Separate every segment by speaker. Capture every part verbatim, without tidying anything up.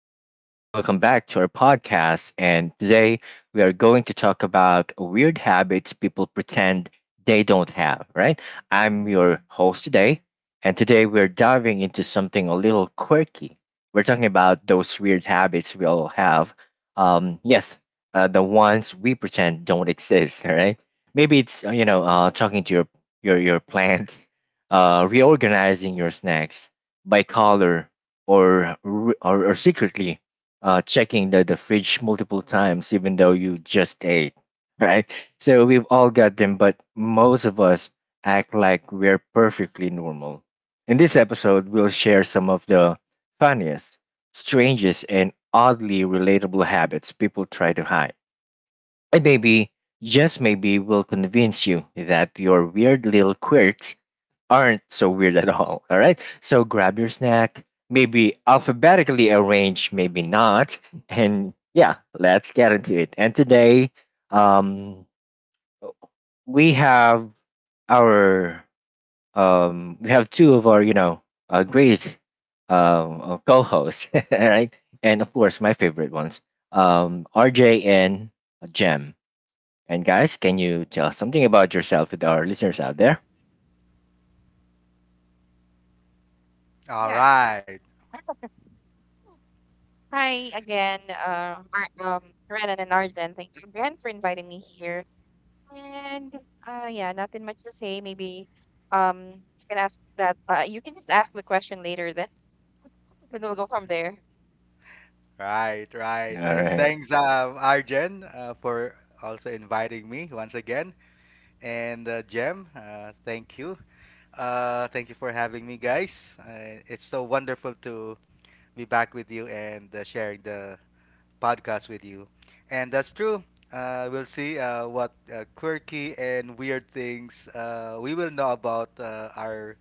Speaker 1: Um, welcome back to our podcast. And today we are going to talk about weird habits people pretend they don't have, right? I'm your host today. And today we're diving into something a little quirky. We're talking about those weird habits we all have. Um, yes, uh, the ones we pretend don't exist, all right? Maybe it's, uh, you know, uh, talking to your, your, your plants, uh, reorganizing your snacks by color or re- or, or secretly uh, checking the, the fridge multiple times even though you just ate, right? So we've all got them, but most of us act like we're perfectly normal. In this episode, we'll share some of the funniest, strangest, and oddly relatable habits people try to hide. And maybe, just maybe, we will convince you that your weird little quirks aren't so weird at all. All right. So grab your snack, maybe alphabetically arrange, maybe not. And yeah, let's get into it. And today, um, we have our um we have two of our you know uh, great um uh, co-hosts. All right. And of course, my favorite ones, um RJ and Jem. And guys, can you tell something about yourself with our listeners out there?
Speaker 2: All
Speaker 3: Yeah.
Speaker 2: right,
Speaker 3: Hi again, um, Ar- um, Renan and Arden. Thank you again for inviting me here. And uh, yeah, nothing much to say. Maybe um, you can ask that. Uh, you can just ask the question later. Then and we'll go from there.
Speaker 2: right, right.
Speaker 1: All
Speaker 2: And
Speaker 1: right.
Speaker 2: thanks, um, Arjen, uh, for also inviting me once again. And uh, Jem, uh, thank you. Uh, thank you for having me, guys. Uh, it's so wonderful to be back with you and uh, sharing the podcast with you. And that's true. Uh, we'll see uh, what uh, quirky and weird things uh, we will know about uh, our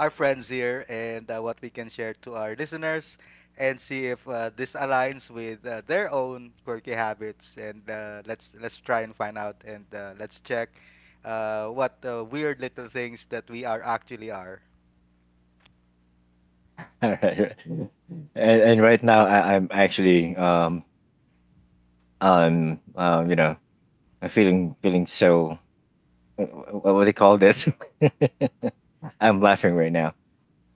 Speaker 2: our friends here and uh, what we can share to our listeners and see if uh, this aligns with uh, their own quirky habits. And uh, let's let's try and find out and uh, let's check uh, what uh, weird little things that we are actually are.
Speaker 1: All right, right. and, and right now, I, I'm actually um um um you know I'm feeling feeling so wh- wh- what do you call this? I'm laughing right now.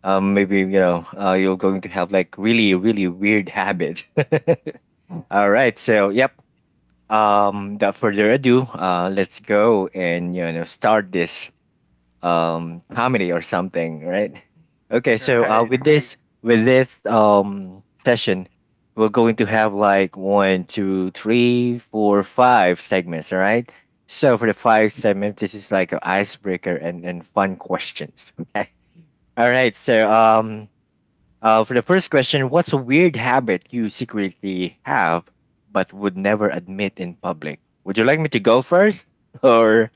Speaker 1: Um, maybe, you know, uh, you're going to have like really really weird habit. All right, so yep. Um, without further ado, uh, let's go and, you know, start this um comedy or something, right? Okay. So uh
Speaker 2: Right.
Speaker 1: with this with this um session, we're going to have like one two three four five segments, all right? So for the five segments, this is like an icebreaker and and fun questions. Okay. All right. So um uh for the first question, what's a weird habit you secretly have but would never admit in public? Would you like me to go first, or?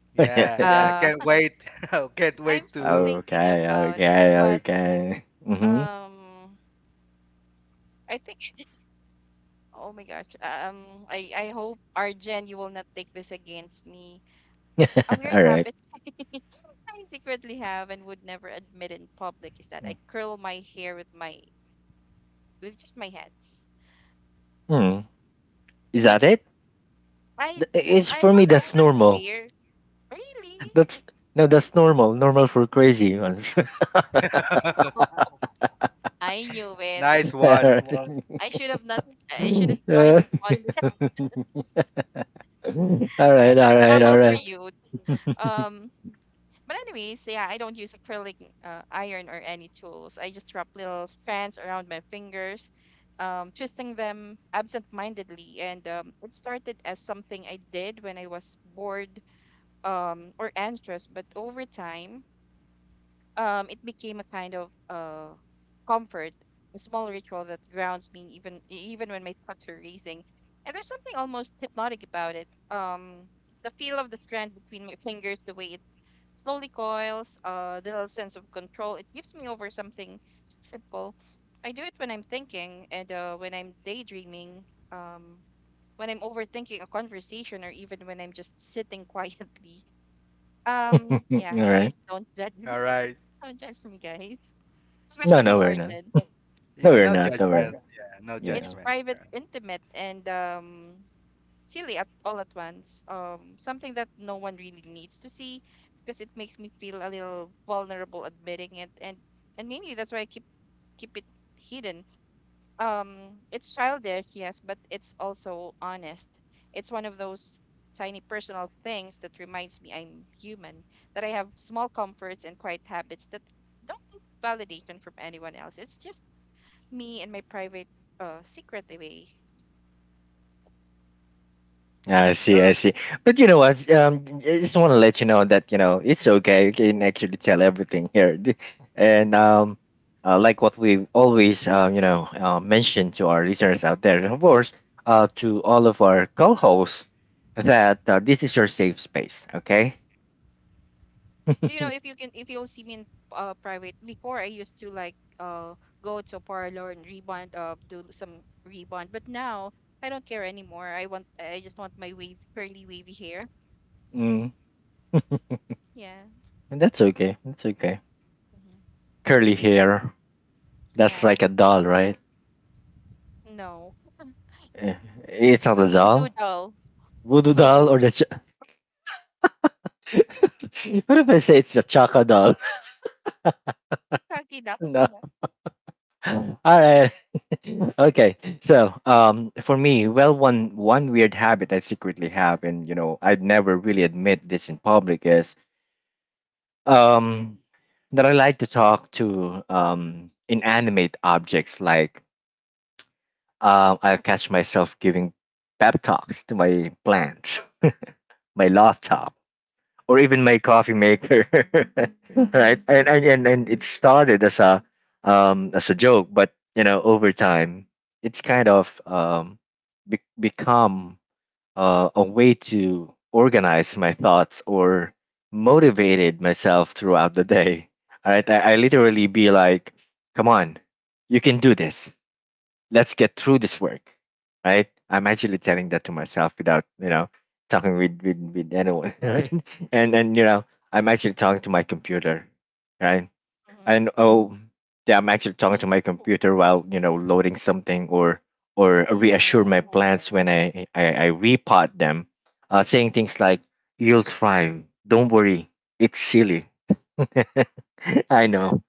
Speaker 1: Yeah.
Speaker 2: Yeah, yeah.
Speaker 3: Uh,
Speaker 2: Can't wait. Can't
Speaker 3: I'm
Speaker 2: wait
Speaker 3: still
Speaker 2: to.
Speaker 3: thinking
Speaker 1: Okay,
Speaker 3: about it,
Speaker 1: okay,
Speaker 3: but
Speaker 1: okay. Mm-hmm.
Speaker 3: um, I think, oh my gosh, um, I I hope Arjen, you will not take this against me. A weird
Speaker 1: All right.
Speaker 3: habit. I secretly have and would never admit in public is that I curl my hair with my with just my hands.
Speaker 1: Hmm. Is
Speaker 3: I
Speaker 1: that it? Th- It's
Speaker 3: I
Speaker 1: for me.
Speaker 3: don't know if
Speaker 1: That's
Speaker 3: that's
Speaker 1: normal.
Speaker 3: weird. Really?
Speaker 1: That's no. That's normal. Normal for crazy ones.
Speaker 3: I knew it.
Speaker 2: Nice one.
Speaker 1: Alright.
Speaker 3: I should have not I shouldn't join
Speaker 1: Uh,
Speaker 3: this podcast.
Speaker 1: all
Speaker 3: I
Speaker 1: right.
Speaker 3: thought
Speaker 1: All
Speaker 3: it's
Speaker 1: right. All
Speaker 3: normal for you.
Speaker 1: right.
Speaker 3: Um, but anyways, yeah, I don't use acrylic uh, iron or any tools. I just wrap little strands around my fingers, um, twisting them absent-mindedly. And um, it started as something I did when I was bored um, or anxious. But over time, um, it became a kind of uh, comfort, a small ritual that grounds me even even when my thoughts are racing. And there's something almost hypnotic about it. Um, the feel of the strand between my fingers, the way it slowly coils, a little sense of control it gives me over something s- simple. I do it when I'm thinking and uh, when I'm daydreaming, um, when I'm overthinking a conversation, or even when I'm just sitting quietly.
Speaker 1: All
Speaker 3: Um, yeah,
Speaker 1: right.
Speaker 3: please don't judge me.
Speaker 2: All right.
Speaker 3: Don't judge me, guys.
Speaker 1: No,
Speaker 3: Especially
Speaker 1: no,
Speaker 3: you,
Speaker 1: we're not.
Speaker 3: Arjun.
Speaker 1: No,
Speaker 2: Yeah,
Speaker 1: we're
Speaker 2: no
Speaker 1: not. No, we're
Speaker 2: judgment.
Speaker 1: not.
Speaker 2: Yeah, no
Speaker 3: It's
Speaker 1: Yeah.
Speaker 2: judgment.
Speaker 3: private, intimate, and um, silly at all at once. Um, something that no one really needs to see, because it makes me feel a little vulnerable admitting it, and and maybe that's why I keep keep it hidden. Um, it's childish, yes, but it's also honest. It's one of those tiny personal things that reminds me I'm human, that I have small comforts and quiet habits that don't need validation from anyone else. It's just me and my private uh secret away.
Speaker 1: I see, I
Speaker 2: Oh,
Speaker 1: see. But you know what? Um, I just want to let you know that, you know, it's okay. You can actually tell everything here, D- and um, uh, like what we always, uh, you know uh, mention to our listeners out there, and of course, uh, to all of our co-hosts, that uh, this is your safe space. Okay.
Speaker 3: You know, if you can, if you'll see me in uh, private, before I used to like uh go to a parlor and rebond, uh do some rebond, but now I don't care anymore. I want i just want my wave, curly, wavy hair.
Speaker 1: Mm.
Speaker 3: Yeah.
Speaker 1: And that's okay. That's okay.
Speaker 3: Hmm.
Speaker 1: Curly hair. That's
Speaker 3: Yeah.
Speaker 1: like a doll, right?
Speaker 3: No,
Speaker 1: Eh, it's not
Speaker 3: the
Speaker 1: a
Speaker 3: voodoo
Speaker 1: doll.
Speaker 3: doll.
Speaker 1: Voodoo
Speaker 3: Voodoo.
Speaker 1: doll or the. Ch- What if I say it's a chaka doll?
Speaker 3: Chucky doll.
Speaker 1: No. All right. Okay. So, um, for me, well, one one weird habit I secretly have, and you know, I'd never really admit this in public, is um that I like to talk to um inanimate objects. Like, um, I catch myself giving pep talks to my plants, my laptop, or even my coffee maker. Right. And, and and and it started as a um as a joke, but you know, over time, it's kind of um be- become uh, a way to organize my thoughts or motivated myself throughout the day. All right. I, I literally be like, come on, you can do this, let's get through this work, right? I'm actually telling that to myself without, you know, talking with with, with anyone. Right. and and you know, I'm actually talking to my computer, right?
Speaker 3: Mm-hmm.
Speaker 1: And oh, yeah, I'm actually talking to my computer while, you know, loading something or or reassure my
Speaker 3: Mm.
Speaker 1: plants when i i, I repot them, uh, saying things like, you'll thrive, don't worry. It's silly, I
Speaker 3: Uh,
Speaker 1: know.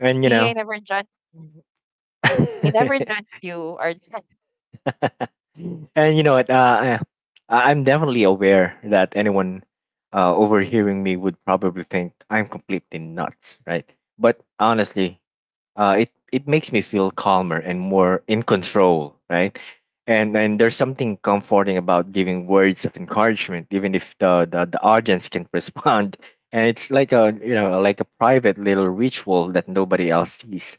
Speaker 1: And you
Speaker 3: see, I
Speaker 1: know.
Speaker 3: never judge. I never judged you, Arjen.
Speaker 1: And you know what? Uh, I, I'm definitely aware that anyone uh, overhearing me would probably think I'm completely nuts, right? But honestly, uh, it it makes me feel calmer and more in control, right? And and there's something comforting about giving words of encouragement, even if the the, the audience can not respond. And it's like a, you know, like a private little ritual that nobody else sees.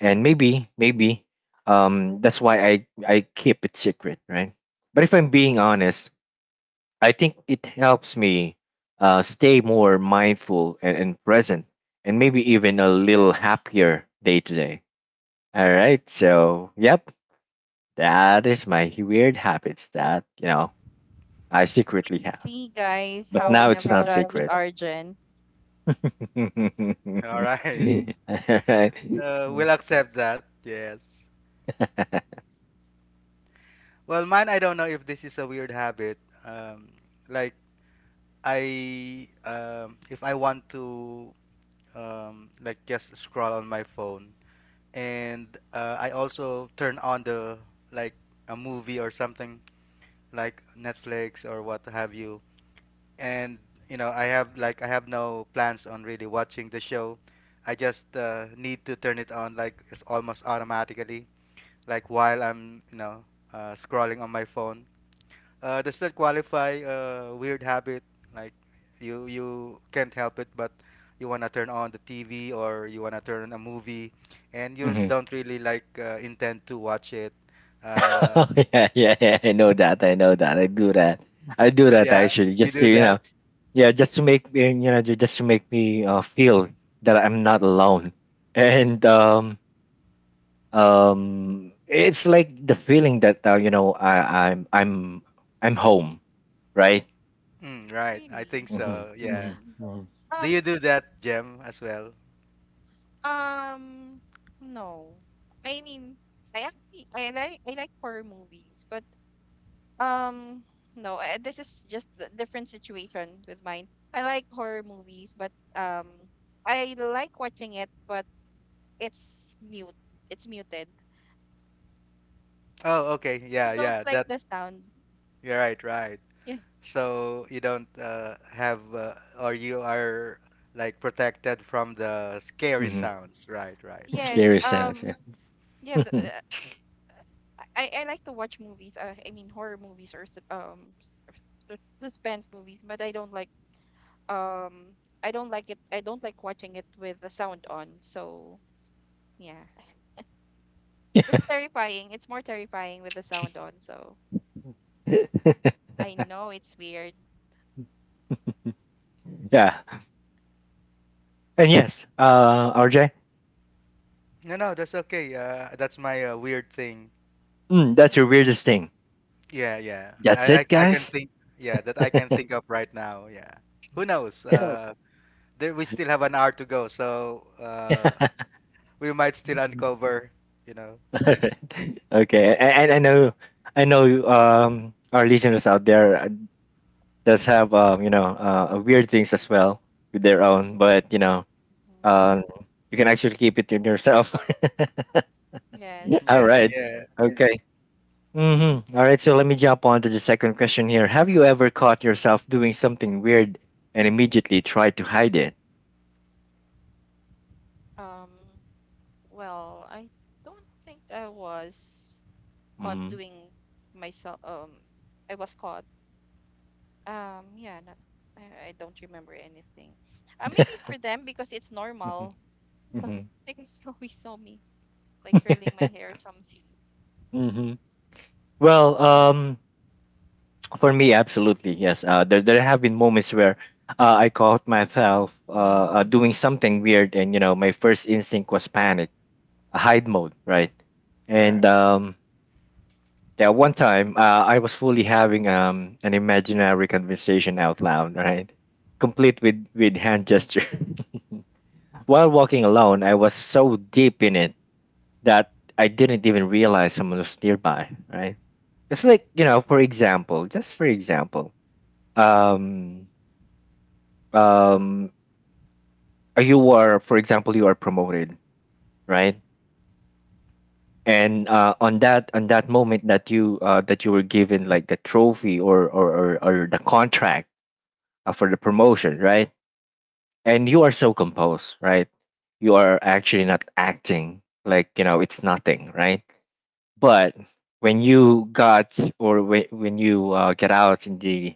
Speaker 1: And maybe maybe um, that's why I I keep it secret, right? But if I'm being honest, I think it helps me uh, stay more mindful and, and present, and maybe even a little happier day to day. All right. So, yep, that is my weird habits that, you know, I secretly have.
Speaker 3: See, guys,
Speaker 1: But
Speaker 3: how I
Speaker 1: now it's
Speaker 3: never
Speaker 1: not
Speaker 3: judged
Speaker 1: secret.
Speaker 3: Arjen.
Speaker 1: All
Speaker 2: all right.
Speaker 1: right.
Speaker 2: Uh, we'll accept that. Yes. Well, mine, I don't know if this is a weird habit. Um, like I, um, if I want to, um, like just scroll on my phone, and uh, I also turn on the like a movie or something like Netflix or what have you. And you know, I have like I have no plans on really watching the show. I just uh, need to turn it on like it's almost automatically, like while I'm you know uh, scrolling on my phone. Uh, does that qualify a weird habit? Like you you can't help it, but you wanna turn on the T V or you wanna turn on a movie, and you
Speaker 1: Mhm.
Speaker 2: don't really like uh, intend to watch it. Uh,
Speaker 1: Oh, yeah, yeah, yeah. I know that. I know that. I do that. I do that
Speaker 2: yeah,
Speaker 1: actually,
Speaker 2: you
Speaker 1: just to
Speaker 2: do
Speaker 1: you know,
Speaker 2: that.
Speaker 1: yeah, just to make me, you know, ju- just to make me uh, feel that I'm not alone. And um, um, it's like the feeling that, uh, you know, I, I'm, I'm, I'm home, right?
Speaker 2: Mm, right, I think
Speaker 3: Really?
Speaker 1: Mm-hmm,
Speaker 2: so. Yeah.
Speaker 1: mm-hmm, hmm.
Speaker 2: Do you
Speaker 3: Um,
Speaker 2: do that, Jem, as well?
Speaker 3: Um, no. I mean, I actually I like, I like horror movies, but um, no. I, this is just a different situation with mine. I like horror movies, but um, I like watching it, but it's mute. It's muted.
Speaker 2: Oh, okay.
Speaker 3: I
Speaker 2: Yeah,
Speaker 3: don't
Speaker 2: yeah.
Speaker 3: like
Speaker 2: That
Speaker 3: the sound.
Speaker 2: you're right, right.
Speaker 3: Yeah.
Speaker 2: So you don't uh, have uh, or you are like protected from the scary
Speaker 1: Hmm.
Speaker 2: sounds. Right, right.
Speaker 3: Yes.
Speaker 1: Scary sounds.
Speaker 3: Um.
Speaker 1: Yeah.
Speaker 3: Yeah. The,
Speaker 1: Mhm.
Speaker 3: the, I I like to watch movies. Uh, I mean horror movies or sus- um sus- suspense movies, but I don't like um I don't like it I don't like watching it with the sound on. So yeah. It's terrifying. It's more terrifying with the sound on, so I know it's weird.
Speaker 1: Yeah. And yes, uh, R J,
Speaker 2: No, no, that's okay. Uh, that's my uh, weird thing.
Speaker 1: mm, that's your weirdest thing.
Speaker 2: Yeah, yeah.
Speaker 1: That's
Speaker 2: I, I,
Speaker 1: it,
Speaker 2: I can
Speaker 1: guys.
Speaker 2: think. Yeah, that I can think of right now. Yeah. Who knows? Uh, there we still have an hour to go, so uh, we might still uncover. You know.
Speaker 1: Alright. Okay, a- and I know, I know, um, our listeners out there uh, does have, um, you know, uh, weird things as well with their own, but you know,
Speaker 3: Mhm.
Speaker 1: um, you can actually keep it to yourself.
Speaker 3: Yes.
Speaker 1: All
Speaker 2: Yeah,
Speaker 1: right.
Speaker 2: yeah.
Speaker 1: Okay. Mm-hmm. All right. So let me jump on to the second question here. Have you ever caught yourself doing something weird and immediately tried to hide it?
Speaker 3: Um, well, I don't think I was caught
Speaker 1: Mm-hmm.
Speaker 3: doing myself, um I was caught. Um, yeah, not, I, I don't remember anything. Uh, maybe for them, because it's normal.
Speaker 1: Mm-hmm.
Speaker 3: Because they always saw me like curling my hair or something.
Speaker 1: Hmm. Well,
Speaker 2: Mm,
Speaker 1: um, for me, absolutely, yes. Uh, there, there have been moments where uh, I caught myself uh, uh, doing something weird, and you know, my first instinct was panic, a hide mode, right? And
Speaker 2: right.
Speaker 1: um, yeah, one time uh, I was fully having um, an imaginary conversation out loud, right? Complete with, with hand gesture. While walking alone, I was so deep in it that I didn't even realize someone was nearby, right? It's like, you know, for example, just for example, um, um, uh, you are, for example, you are promoted, right? And uh, on that on that moment that you uh, that you were given like the trophy or or, or, or the contract uh, for the promotion, right? And you are so composed, right? You are actually not acting like you know it's nothing, right? But when you got or when when you uh, get out in the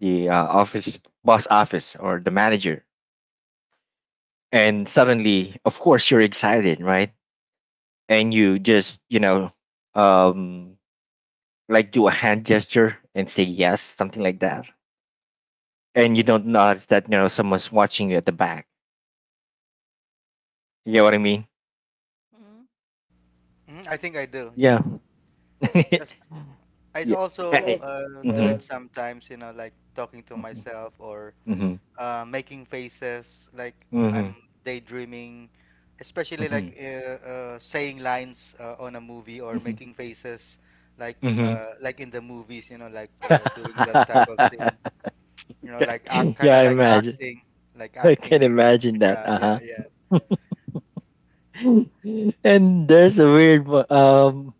Speaker 1: the uh, office boss office or the manager, and suddenly, of course, you're excited, right? And you just you know um like do a hand gesture and say yes, something like that, and you don't notice that, you know, someone's watching you at the back. You know what I mean?
Speaker 3: Mhm.
Speaker 2: Mhm, I think I do.
Speaker 1: Yeah.
Speaker 2: Yeah. Cause I s-
Speaker 1: Yeah.
Speaker 2: also
Speaker 1: Yeah.
Speaker 2: uh, do
Speaker 1: Hmm.
Speaker 2: it sometimes. You know, like talking to
Speaker 1: Uh,
Speaker 2: myself or
Speaker 1: Mhm.
Speaker 2: uh, making faces, like
Speaker 1: Mhm.
Speaker 2: I'm
Speaker 1: Mhm.
Speaker 2: daydreaming, especially
Speaker 1: Mhm.
Speaker 2: like uh, uh, saying lines uh, on a movie or
Speaker 1: Mhm.
Speaker 2: making faces, like
Speaker 1: Mhm.
Speaker 2: uh, like in the movies, you know, like uh, doing that type of thing, you know, like act, kind
Speaker 1: Yeah, I
Speaker 2: of like
Speaker 1: imagine.
Speaker 2: acting, like
Speaker 1: I can
Speaker 2: acting. My,
Speaker 1: imagine that.
Speaker 2: yeah,
Speaker 1: Uh
Speaker 2: yeah,
Speaker 1: huh.
Speaker 2: yeah.
Speaker 1: And there's a weird one- um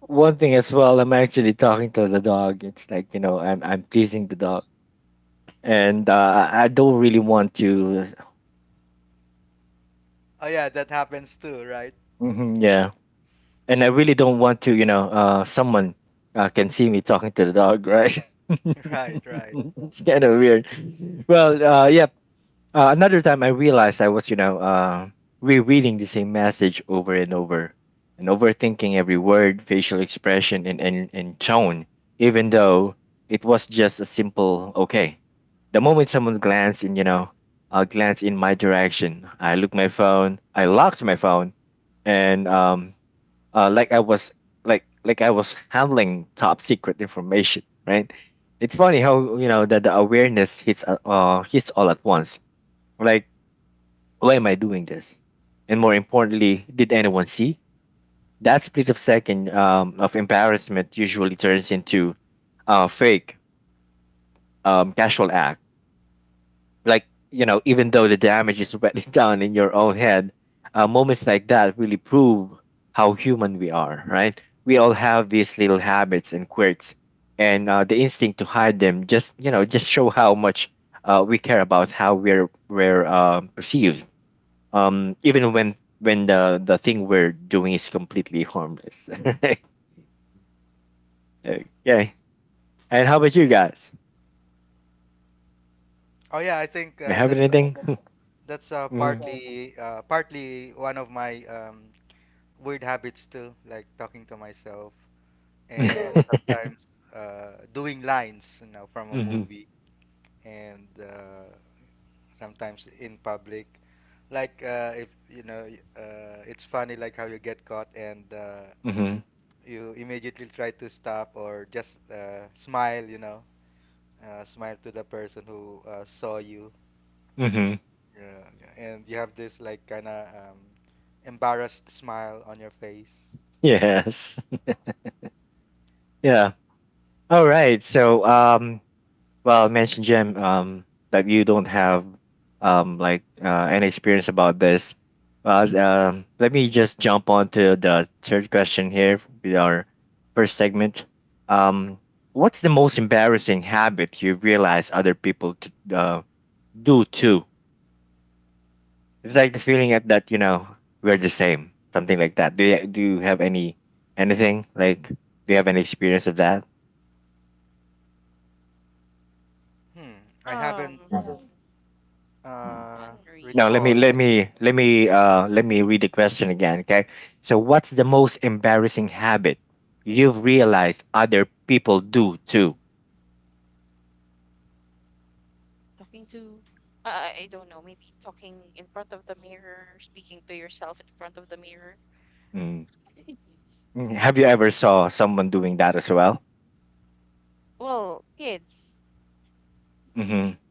Speaker 1: one thing as well. I'm actually talking to the dog. It's like, you know, I'm I'm teasing the dog, and uh, I I don't really want to.
Speaker 2: Oh yeah, that happens too, right?
Speaker 1: Mhm, yeah, and I really don't want to, you know, uh, someone uh, can see me talking to the dog, right?
Speaker 2: Right, right.
Speaker 1: It's kind of weird.
Speaker 2: Yeah.
Speaker 1: Well, uh, yeah. Uh, another time I realized I was, you know, uh, rereading the same message over and over and overthinking every word, facial expression, and, and, and tone, even though it was just a simple okay. The moment someone glanced in, you know, uh, glanced in my direction, I looked my phone, I locked my phone, and um, uh, like I was like like I was handling top secret information, right? It's funny how, you know, that the awareness hits a- uh hits all at once. Like, why am I doing this? And more importantly, did anyone see? That split of second um, of embarrassment usually turns into a fake um, casual act. Like, you know, even though the damage is already done in your own head, uh, moments like that really prove how human we are, right? We all have these little habits and quirks, and uh, the instinct to hide them just, you know, just show how much uh, we care about how we're we're uh, perceived, um, even when when the the thing we're doing is completely harmless. Right? Okay. And how about you guys?
Speaker 2: Oh yeah, I think
Speaker 1: You
Speaker 2: uh,
Speaker 1: have
Speaker 2: that's
Speaker 1: anything?
Speaker 2: that's uh,
Speaker 1: Mm.
Speaker 2: partly uh, partly one of my um, weird habits too, like talking to myself. And sometimes uh, doing lines, you know, from a
Speaker 1: Mm-hmm.
Speaker 2: movie, and uh, sometimes in public. Like uh, if you know, y- uh, it's funny like how you get caught and uh,
Speaker 1: Mm-hmm.
Speaker 2: you immediately try to stop or just uh, smile, you know, uh, smile to the person who uh, saw you. Yeah, yeah. And you have this like kind of um, embarrassed smile on your face.
Speaker 1: Yes. Yeah. All right. So, um, well, I mentioned Jim, um, that you don't have, um, like, uh, any experience about this. Well, um, let me just jump on to the third question here with our first segment. Um, what's the most embarrassing habit you realize other people t uh, do too? It's like the feeling at that, you know, we're the same, something like that. Do you, do you have any anything like? Do you have any experience of that?
Speaker 2: Hmm, I
Speaker 3: Um,
Speaker 2: haven't
Speaker 1: Mm.
Speaker 3: not
Speaker 2: uh,
Speaker 3: really.
Speaker 1: Now let me
Speaker 2: recall.
Speaker 1: let me let me uh let me read the question again, okay? So what's the most embarrassing habit you've realized other people do too?
Speaker 3: Talking to, uh, I don't know, maybe talking in front of the mirror, speaking to yourself in front of the mirror.
Speaker 1: Mm.
Speaker 3: Kids.
Speaker 1: Mm, have you ever saw someone doing that as well?
Speaker 3: Well, kids.
Speaker 1: Mhm.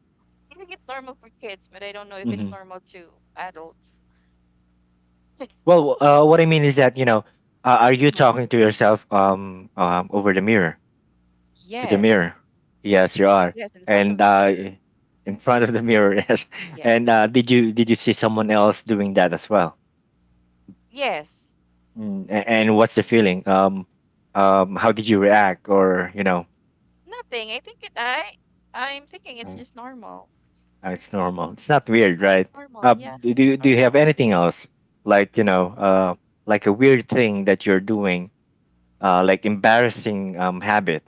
Speaker 3: I think it's normal for kids, but I don't know if it's
Speaker 1: Mhm.
Speaker 3: normal to adults.
Speaker 1: Well, uh what I mean is that, you know, uh, are you
Speaker 3: Uh-huh.
Speaker 1: talking to yourself um, um over the mirror, to the
Speaker 3: Yes.
Speaker 1: mirror? Yes, you are.
Speaker 3: Yes, in front
Speaker 1: And
Speaker 3: of the
Speaker 1: uh
Speaker 3: mirror.
Speaker 1: in front of the mirror, yes. And
Speaker 3: Yes.
Speaker 1: uh did you did you see someone else doing that as well?
Speaker 3: Yes.
Speaker 1: Mm, a- and what's the feeling? Um, um, how did you react? Or you know,
Speaker 3: Nothing. I think it, I I'm thinking it's
Speaker 1: Mm.
Speaker 3: just normal.
Speaker 1: uh, it's normal. It's not weird,
Speaker 3: Yeah,
Speaker 1: right?
Speaker 3: it's normal.
Speaker 1: Uh,
Speaker 3: Yeah,
Speaker 1: do do
Speaker 3: it's
Speaker 1: you do you have
Speaker 3: normal.
Speaker 1: anything else like you know, uh, like a weird thing that you're doing, uh, like embarrassing um habit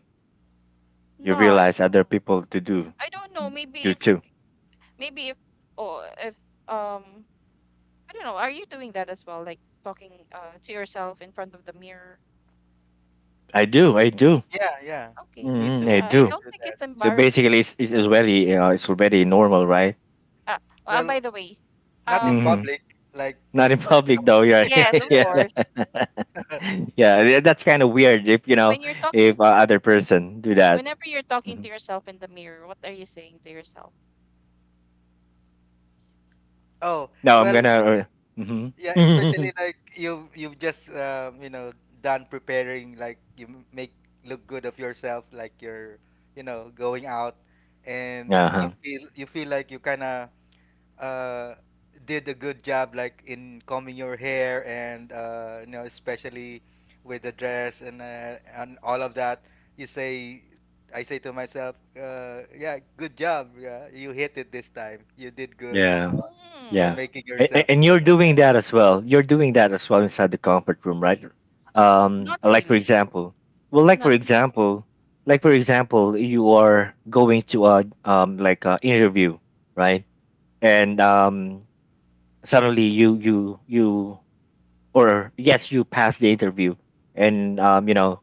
Speaker 1: you
Speaker 3: None.
Speaker 1: realize other people to do
Speaker 3: I don't know. Maybe
Speaker 1: do
Speaker 3: if
Speaker 1: too.
Speaker 3: maybe if oh, if um I don't know. Are you doing that as well? Like talking uh, to yourself in front of the mirror?
Speaker 1: I do, I do,
Speaker 2: Yeah, yeah.
Speaker 3: Okay,
Speaker 2: Me
Speaker 3: yeah.
Speaker 1: mm I
Speaker 2: too.
Speaker 3: I I
Speaker 2: I
Speaker 1: do.
Speaker 3: don't
Speaker 2: do
Speaker 3: think
Speaker 2: that.
Speaker 3: it's
Speaker 1: So
Speaker 3: embarrassing.
Speaker 1: basically, it's it's already uh, it's already normal, right?
Speaker 3: Uh, uh, by
Speaker 2: Well,
Speaker 3: the way,
Speaker 2: not in
Speaker 1: Mm-hmm.
Speaker 3: um,
Speaker 2: public, like
Speaker 1: Not in
Speaker 2: if there's
Speaker 1: public
Speaker 2: some
Speaker 1: though, yeah.
Speaker 2: yeah,
Speaker 3: yes,
Speaker 2: yeah,
Speaker 3: of
Speaker 1: Yeah.
Speaker 2: yeah.
Speaker 3: course.
Speaker 1: Yeah, tha- that's kind of weird if you know
Speaker 3: When you're talking,
Speaker 1: if uh, other person do that.
Speaker 3: whenever you're talking
Speaker 1: hmm
Speaker 3: to yourself in the mirror, what are you saying to yourself?
Speaker 2: Oh,
Speaker 1: No, I'm
Speaker 2: well, es-
Speaker 1: gonna. Uh, hmm
Speaker 2: yeah, especially like you you've just um, you know, done preparing like you m- make look good of yourself like you're, you know, going out and you
Speaker 1: Uh-huh.
Speaker 2: feel you feel like you kind of uh, did a good job, like in combing your hair and uh, you know, especially with the dress and uh, and all of that. You say, I say to myself, uh, yeah, good job. Yeah, you hit it this time. You did good
Speaker 1: Yeah.
Speaker 2: on
Speaker 1: Yeah.
Speaker 3: Hmm,
Speaker 2: making
Speaker 1: And,
Speaker 2: yourself
Speaker 1: and you're
Speaker 2: good.
Speaker 1: doing that as well. You're doing that as well inside the comfort room, right? Um,
Speaker 3: not
Speaker 1: like for
Speaker 3: really.
Speaker 1: example, well, like for
Speaker 3: Not
Speaker 1: example, like for example, you are going to a um like a interview, right? And um, suddenly you you you or yes, you passed the interview, and um, you know,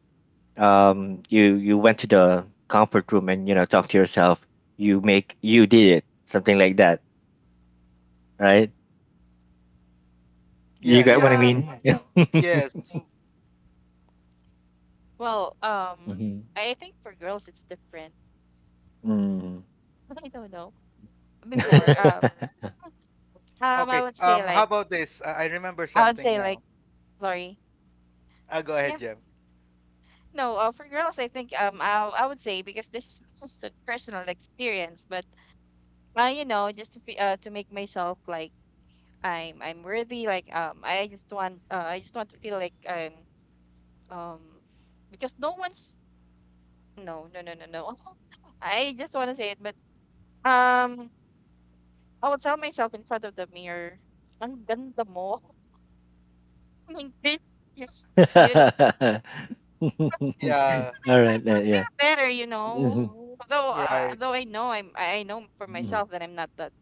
Speaker 1: um, you you went to the comfort room and you know talk to yourself. You make you did it, something like that, right? You
Speaker 2: Yeah,
Speaker 1: get what I
Speaker 2: yeah,
Speaker 3: um.
Speaker 1: mean? Yeah.
Speaker 2: yes.
Speaker 3: Well, um,
Speaker 1: Mhm.
Speaker 3: I think for girls it's different.
Speaker 1: Mm.
Speaker 3: I don't know. Before, um, um, I
Speaker 2: Okay.
Speaker 3: would say
Speaker 2: Um, how
Speaker 3: like,
Speaker 2: about this? I, I remember
Speaker 3: I would
Speaker 2: something
Speaker 3: say
Speaker 2: now.
Speaker 3: like, sorry.
Speaker 2: Uh, go ahead, Jem.
Speaker 3: No, uh, for girls, I think um I I would say, because this is just a personal experience, but uh, you know, just to fe- uh, to make myself like I'm I'm worthy, like um I just want, uh, I just want to feel like I'm um because no one's no no no no no I just want to say it, but um I would tell myself in front of the mirror, ang ganda mo, like this, you're so beautiful.
Speaker 1: All
Speaker 2: Yeah,
Speaker 3: Make
Speaker 1: right, uh,
Speaker 3: myself
Speaker 1: yeah.
Speaker 3: feel better, you know,
Speaker 1: Mhm.
Speaker 3: although uh,
Speaker 2: right.
Speaker 3: though I know I'm I I know for
Speaker 1: Mhm.
Speaker 3: myself that I'm not that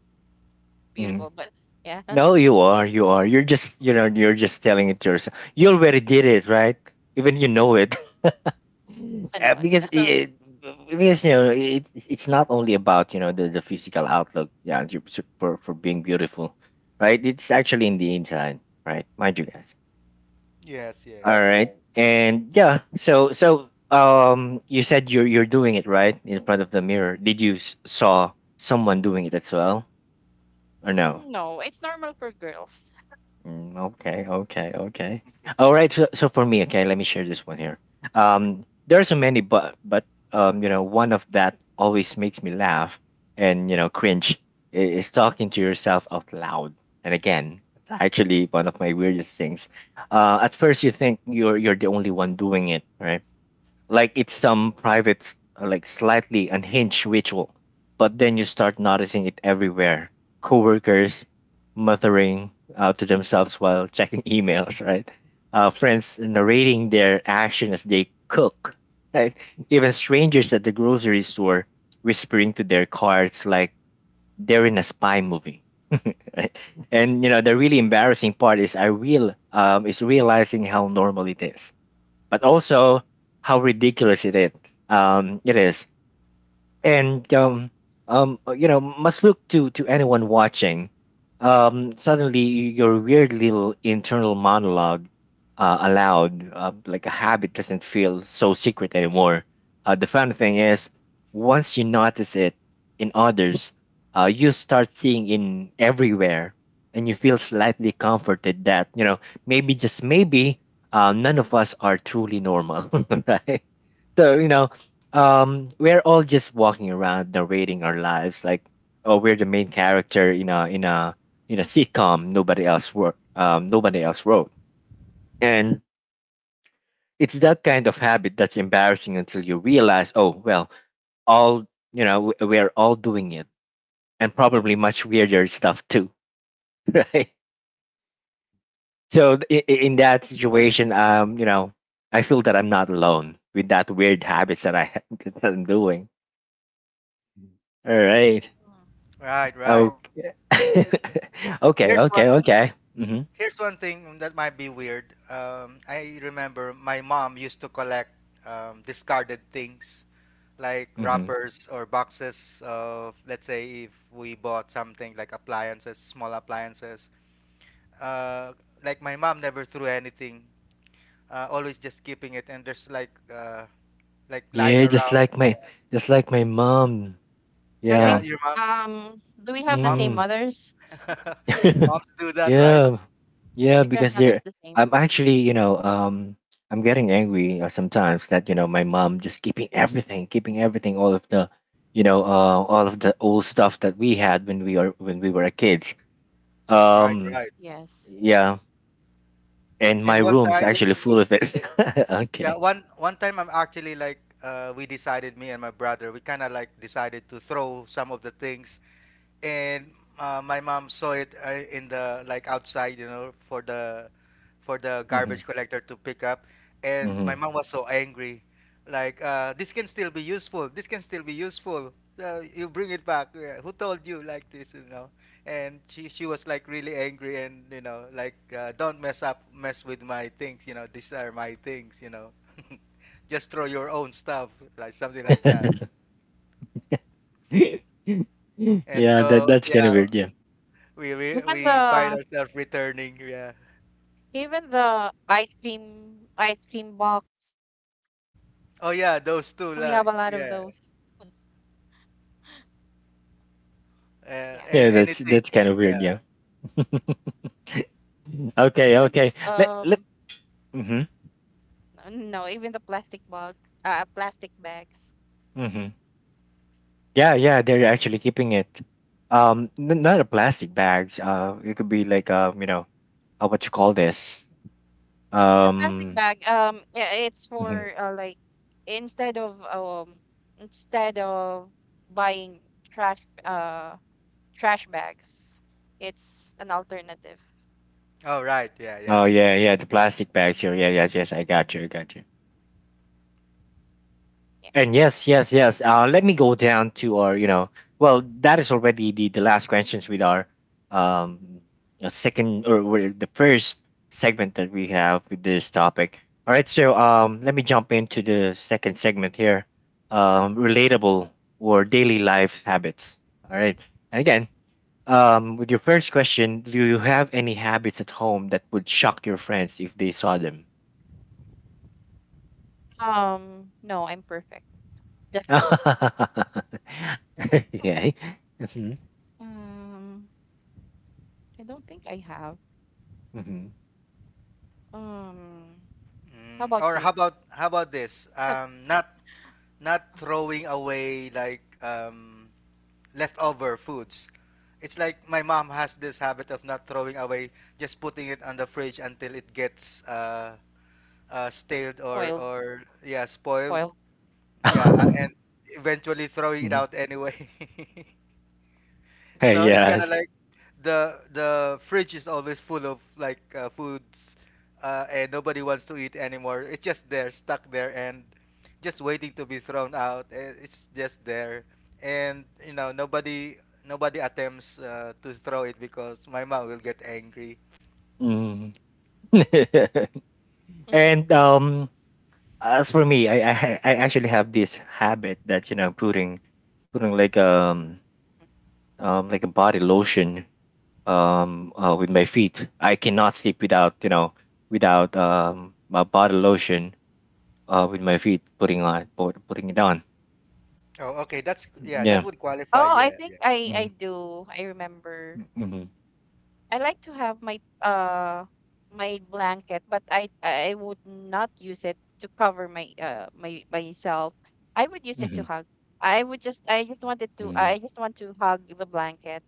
Speaker 1: Mhm.
Speaker 3: beautiful, but yeah,
Speaker 1: No, you are, you are. You're just, you know, you're just telling it to yourself. You already did it, right? Even you know it. Uh,
Speaker 3: no, no,
Speaker 1: because
Speaker 3: no.
Speaker 1: it, because you know it, it's not only about you know the, the physical outlook, yeah, ju- su- for for being beautiful, right, it's actually in the inside, right, mind you guys.
Speaker 2: Yes,
Speaker 1: All
Speaker 2: yes.
Speaker 1: right. And yeah, so so um you said you're you're doing it right in front of the mirror. Did you s- saw someone doing it as well, or no?
Speaker 3: no, it's normal for girls.
Speaker 1: Mm, okay, okay, okay.
Speaker 2: Okay.
Speaker 1: All right. So, so for me, okay, let me share this one here. Um, there are so many, but but um, you know, one of that always makes me laugh and you know cringe, i- is talking to yourself out loud. And again, that's actually one of my weirdest things. Uh, at first you think you're you're the only one doing it, right? Like it's some private, uh, like slightly unhinged ritual. But then you start noticing it everywhere. Coworkers muttering uh, to themselves while checking emails, right? Uh, friends narrating their action as they cook, right? Even strangers at the grocery store whispering to their cards like they're in a spy movie, right? And you know, the really embarrassing part is I real um is realizing how normal it is, but also how ridiculous it is. Um, it is, and um, um, uh, you know, must look to to anyone watching. Um, suddenly your weird little internal monologue, uh, aloud, uh, like a habit, doesn't feel so secret anymore. Uh, the fun thing is, once you notice it in others, uh, you start seeing in everywhere. And you feel slightly comforted that you know maybe, just maybe, uh, none of us are truly normal, right? So, you know um we're all just walking around narrating our lives like, oh, we're the main character in a in a in a sitcom nobody else wrote, um nobody else wrote and it's that kind of habit that's embarrassing until you realize, oh well, all you know, we are all doing it, and probably much weirder stuff too, right? So in, in that situation, um you know I feel that I'm not alone with that weird habits that I that I'm doing. All right.
Speaker 3: Mm.
Speaker 2: Right, right.
Speaker 1: Okay. Okay,
Speaker 2: There's one
Speaker 1: okay, okay. Mhm.
Speaker 2: Here's one thing that might be weird. Um, I remember my mom used to collect um, discarded things like
Speaker 1: Mhm.
Speaker 2: wrappers or boxes of, let's say, if we bought something like appliances, small appliances. Uh, like my mom never threw anything, uh, always just keeping it, and there's like uh, like lying
Speaker 1: Yeah, just
Speaker 2: around.
Speaker 1: like my just like my mom.
Speaker 3: I
Speaker 2: Yeah,
Speaker 3: think,
Speaker 1: Yeah.
Speaker 2: your mom,
Speaker 3: um, do we have the
Speaker 2: moms,
Speaker 3: same
Speaker 1: Mm.
Speaker 3: mothers?
Speaker 2: moms do that, right?
Speaker 1: Yeah. Yeah,
Speaker 3: My
Speaker 1: because
Speaker 3: grandmother's
Speaker 1: they're.
Speaker 3: the same.
Speaker 1: I'm actually, you know, um I'm getting angry, uh, sometimes that, you know, my mom just keeping everything, keeping everything, all of the, you know, uh all of the old stuff that we had when we are when we were kids.
Speaker 2: Right,
Speaker 1: Um
Speaker 2: right.
Speaker 3: Yes.
Speaker 1: yeah, and my
Speaker 2: And one
Speaker 1: room's
Speaker 2: time,
Speaker 1: actually full of it.
Speaker 2: Yeah,
Speaker 1: Okay.
Speaker 2: one one time I'm actually like uh, we decided me and my brother we kind of like decided to throw some of the things and uh, my mom saw it uh, in the like outside, you know, for the for the
Speaker 1: Mhm.
Speaker 2: garbage collector to pick up, and my
Speaker 1: Mhm.
Speaker 2: mom was so angry, like uh, this can still be useful. This can still be useful. Uh, you bring it back. Yeah, who told you like this? You know, and she she was like really angry, and you know, like uh, don't mess up, mess with my things. You know, these are my things. You know, just throw your own stuff, like something like that. And
Speaker 1: Yeah, that
Speaker 2: so,
Speaker 1: that's kind
Speaker 2: yeah,
Speaker 1: of weird. Yeah,
Speaker 2: we re-
Speaker 3: Even
Speaker 2: we find
Speaker 3: the
Speaker 2: ourselves returning. Yeah.
Speaker 3: even the ice cream ice cream box,
Speaker 2: Oh yeah, those two
Speaker 3: we
Speaker 2: la.
Speaker 3: have a lot of
Speaker 2: Yeah.
Speaker 3: those.
Speaker 2: Uh,
Speaker 3: Yeah.
Speaker 2: and
Speaker 1: yeah, that's
Speaker 2: anything.
Speaker 1: that's kind of
Speaker 2: Yeah.
Speaker 1: weird. Yeah. Okay,
Speaker 3: Even
Speaker 1: okay.
Speaker 3: the
Speaker 1: Let let.
Speaker 3: um
Speaker 1: Mm-hmm,
Speaker 3: n- no, even the plastic box, uh, plastic bags.
Speaker 1: mm-hmm. Yeah, yeah. They're actually keeping it. Um, n- not a plastic bags. Uh, it could be like uh, you know, uh, what you call this?
Speaker 3: It's a plastic
Speaker 1: Um.
Speaker 3: bag. Um, yeah, it's
Speaker 1: Mhm.
Speaker 3: for, uh, like instead of um instead of buying trash uh trash bags, it's an alternative.
Speaker 2: Oh right. Yeah. Yeah.
Speaker 1: Oh
Speaker 3: Mhm.
Speaker 1: yeah, yeah. The plastic bags here. Yeah, yes, yes. I got you. I got you.
Speaker 3: Yeah.
Speaker 1: And yes, yes, yes. Uh, let me go down to our, you know, well, that is already the, the last questions with our um uh, second, or with the first segment that we have with this topic. All right, so, um, let me jump into the second segment here. Um, relatable or daily life habits. All right, and again, um, with your first question, do you have any habits at home that would shock your friends if they saw them?
Speaker 3: Um, no, I'm perfect. Just kidding.
Speaker 1: Okay.
Speaker 3: Um, I don't think I have.
Speaker 1: Mhm.
Speaker 3: Um, how
Speaker 2: Mm.
Speaker 3: about
Speaker 2: Or how
Speaker 3: you?
Speaker 2: about how about this? Um, not not
Speaker 3: Um,
Speaker 2: throwing away like um leftover foods. It's like my mom has this habit of not throwing away, just putting it on the fridge until it gets uh, uh stale or
Speaker 3: Spoiled,
Speaker 2: or yeah spoiled.
Speaker 3: spoiled.
Speaker 2: Yeah, a- and eventually throwing it
Speaker 1: Mhm.
Speaker 2: out anyway. So it's kind of
Speaker 1: Yes.
Speaker 2: like the the fridge is always full of like uh, foods, uh, and nobody wants to eat anymore. It's just there, stuck there, and just waiting to be thrown out. Eh, it's just there, and you know nobody nobody attempts uh, to throw it because my mom will get angry.
Speaker 1: Mm.
Speaker 3: Mhm.
Speaker 1: And um, as for me, I, I ha- I actually have this habit that, you know putting putting like um um like a body lotion, um uh, with my feet. I cannot sleep without you know without um my body lotion, uh with my feet, putting on put, putting it on.
Speaker 2: Oh, okay, that's yeah, that
Speaker 1: Yeah.
Speaker 2: would qualify.
Speaker 3: Oh, I
Speaker 2: Yeah,
Speaker 3: think
Speaker 2: yeah,
Speaker 3: I I
Speaker 1: Mm.
Speaker 3: do. I remember.
Speaker 1: Mm-hmm.
Speaker 3: I like to have my uh my blanket, but I I would not use it to cover my uh my myself. I would use it to
Speaker 1: Mm-hmm.
Speaker 3: hug. I would just I just wanted to
Speaker 1: Mm.
Speaker 3: I just want to hug the blanket.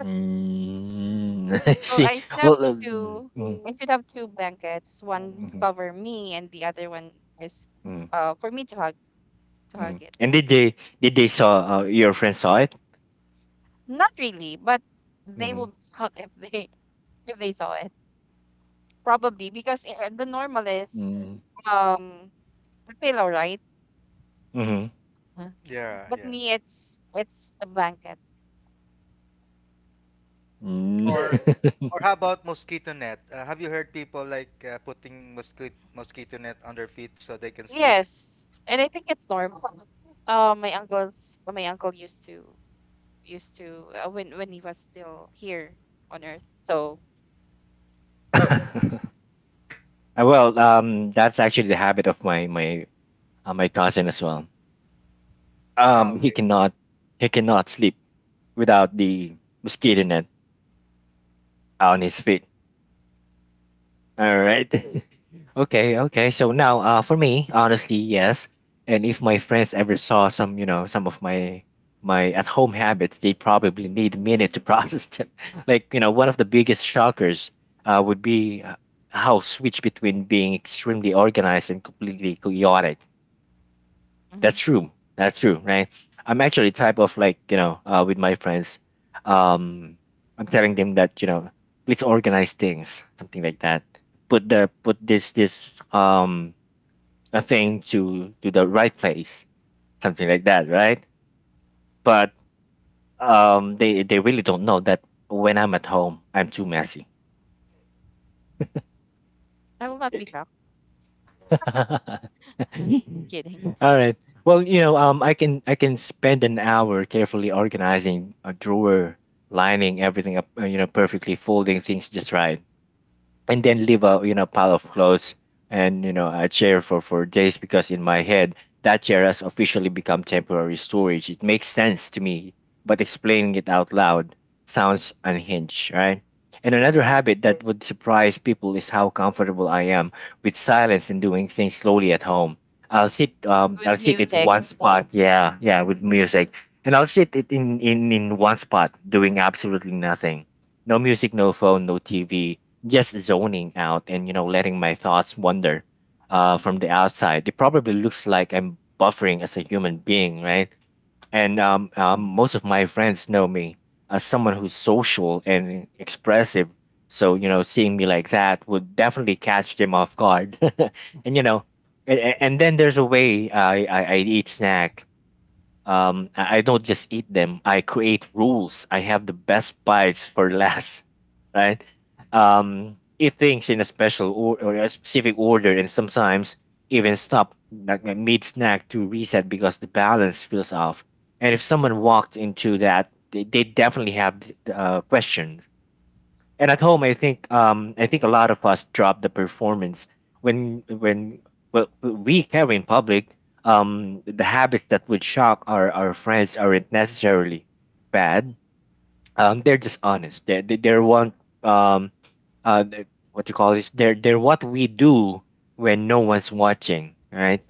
Speaker 1: Mm.
Speaker 3: So
Speaker 1: See.
Speaker 3: I should have
Speaker 1: Well. Uh, mm.
Speaker 3: two
Speaker 1: Mm.
Speaker 3: I should have two blankets, one to
Speaker 1: Mhm.
Speaker 3: cover me and the other one is
Speaker 1: Mm,
Speaker 3: uh for me to hug, to
Speaker 1: mm.
Speaker 3: hug it.
Speaker 1: And did they did they saw uh, your friend saw it?
Speaker 3: Not really, but they
Speaker 1: Mm-hmm.
Speaker 3: will hug if they if they saw it. Probably because uh, the normal is
Speaker 1: Mm-hmm.
Speaker 3: um a pillow, right?
Speaker 1: Mm.
Speaker 2: yeah,
Speaker 3: But
Speaker 2: yeah.
Speaker 3: me, it's it's a blanket.
Speaker 1: Mm.
Speaker 2: Or or how about mosquito net? Uh, have you heard people like uh, putting mosquito mosquito net on their feet so they can sleep?
Speaker 3: Yes, and I think it's normal. uh, my uncle's my uncle used to, used to uh, when when he was still here on earth, so
Speaker 1: Uh, well, um, that's actually the habit of my my uh, my cousin as well.
Speaker 2: Oh,
Speaker 1: Um, he
Speaker 2: okay.
Speaker 1: cannot he cannot sleep without the mosquito net on his feet. All right. Okay, okay. So now, uh for me, honestly, yes. And if my friends ever saw some, you know, some of my my at home habits, they probably need a minute to process them. Like, you know, one of the biggest shockers uh would be, uh, how switch between being extremely organized and completely chaotic.
Speaker 3: mhm,
Speaker 1: That's true. That's true, right? I'm actually type of like, you know, uh, with my friends, um, I'm telling them that, you know, please organize things, something like that. Put the put this this um a thing to to the right place, something like that, right? But um they they really don't know that when I'm at home, I'm too messy.
Speaker 3: I will not be shocked. Kidding.
Speaker 1: All right. Well, you know, um, I can I can spend an hour carefully organizing a drawer, lining everything up, uh, you know, perfectly, folding things just right, and then leave a you know pile of clothes and you know a chair for for days, because in my head that chair has officially become temporary storage. It makes sense to me, but explaining it out loud sounds unhinged, right? And another
Speaker 3: Right,
Speaker 1: habit that would surprise people is how comfortable I am with silence and doing things slowly at home. i'll sit um i'll
Speaker 3: with
Speaker 1: sit at
Speaker 3: music.
Speaker 1: one spot, yeah, yeah, with music. And I'll sit it in in in one spot doing absolutely nothing. No music, no phone, no TV. Just zoning out and, you know letting my thoughts wander. Uh, from the outside it probably looks like I'm buffering as a human being, right? And um,
Speaker 3: Mm.
Speaker 1: um, most of my friends know me as someone who's social and expressive, so, you know seeing me like that would definitely catch them off guard. And you know, and, and and then there's a way I, I i eat snack. Um, I I don't just eat them. I create rules. I have the best bites for last, right? Um, eat things in a special or, or a specific order, and sometimes even stop like like mid snack to reset because the balance feels off. And if someone walked into that, they, they definitely have the uh, question. And at home, I think um, I think a lot of us drop the performance when when well, we carry in public. Um, the habits that would shock our, our friends aren't necessarily bad. Um, they're just honest. They're they- they're one um uh the- What you call this? They're they're what we do when no one's watching, right?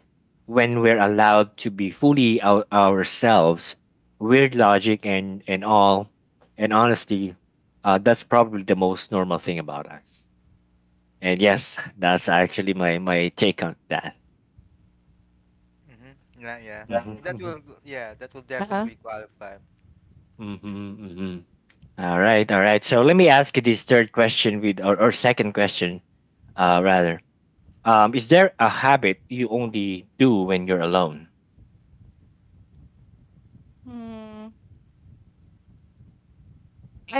Speaker 1: When we're allowed to be fully our, ourselves, weird logic and and all, and honesty, uh, that's probably the most normal thing about us. And yes, that's actually my my take on that.
Speaker 2: Mm-hmm. Yeah, yeah. That
Speaker 1: Mhm.
Speaker 2: will, yeah, that will
Speaker 3: Uh-huh.
Speaker 2: definitely qualify.
Speaker 1: Mm-hmm. mm-hmm. All right, all right. So let me ask you this third question with or, or second question, uh rather. Um, is there a habit you only do when you're alone?
Speaker 3: Mm,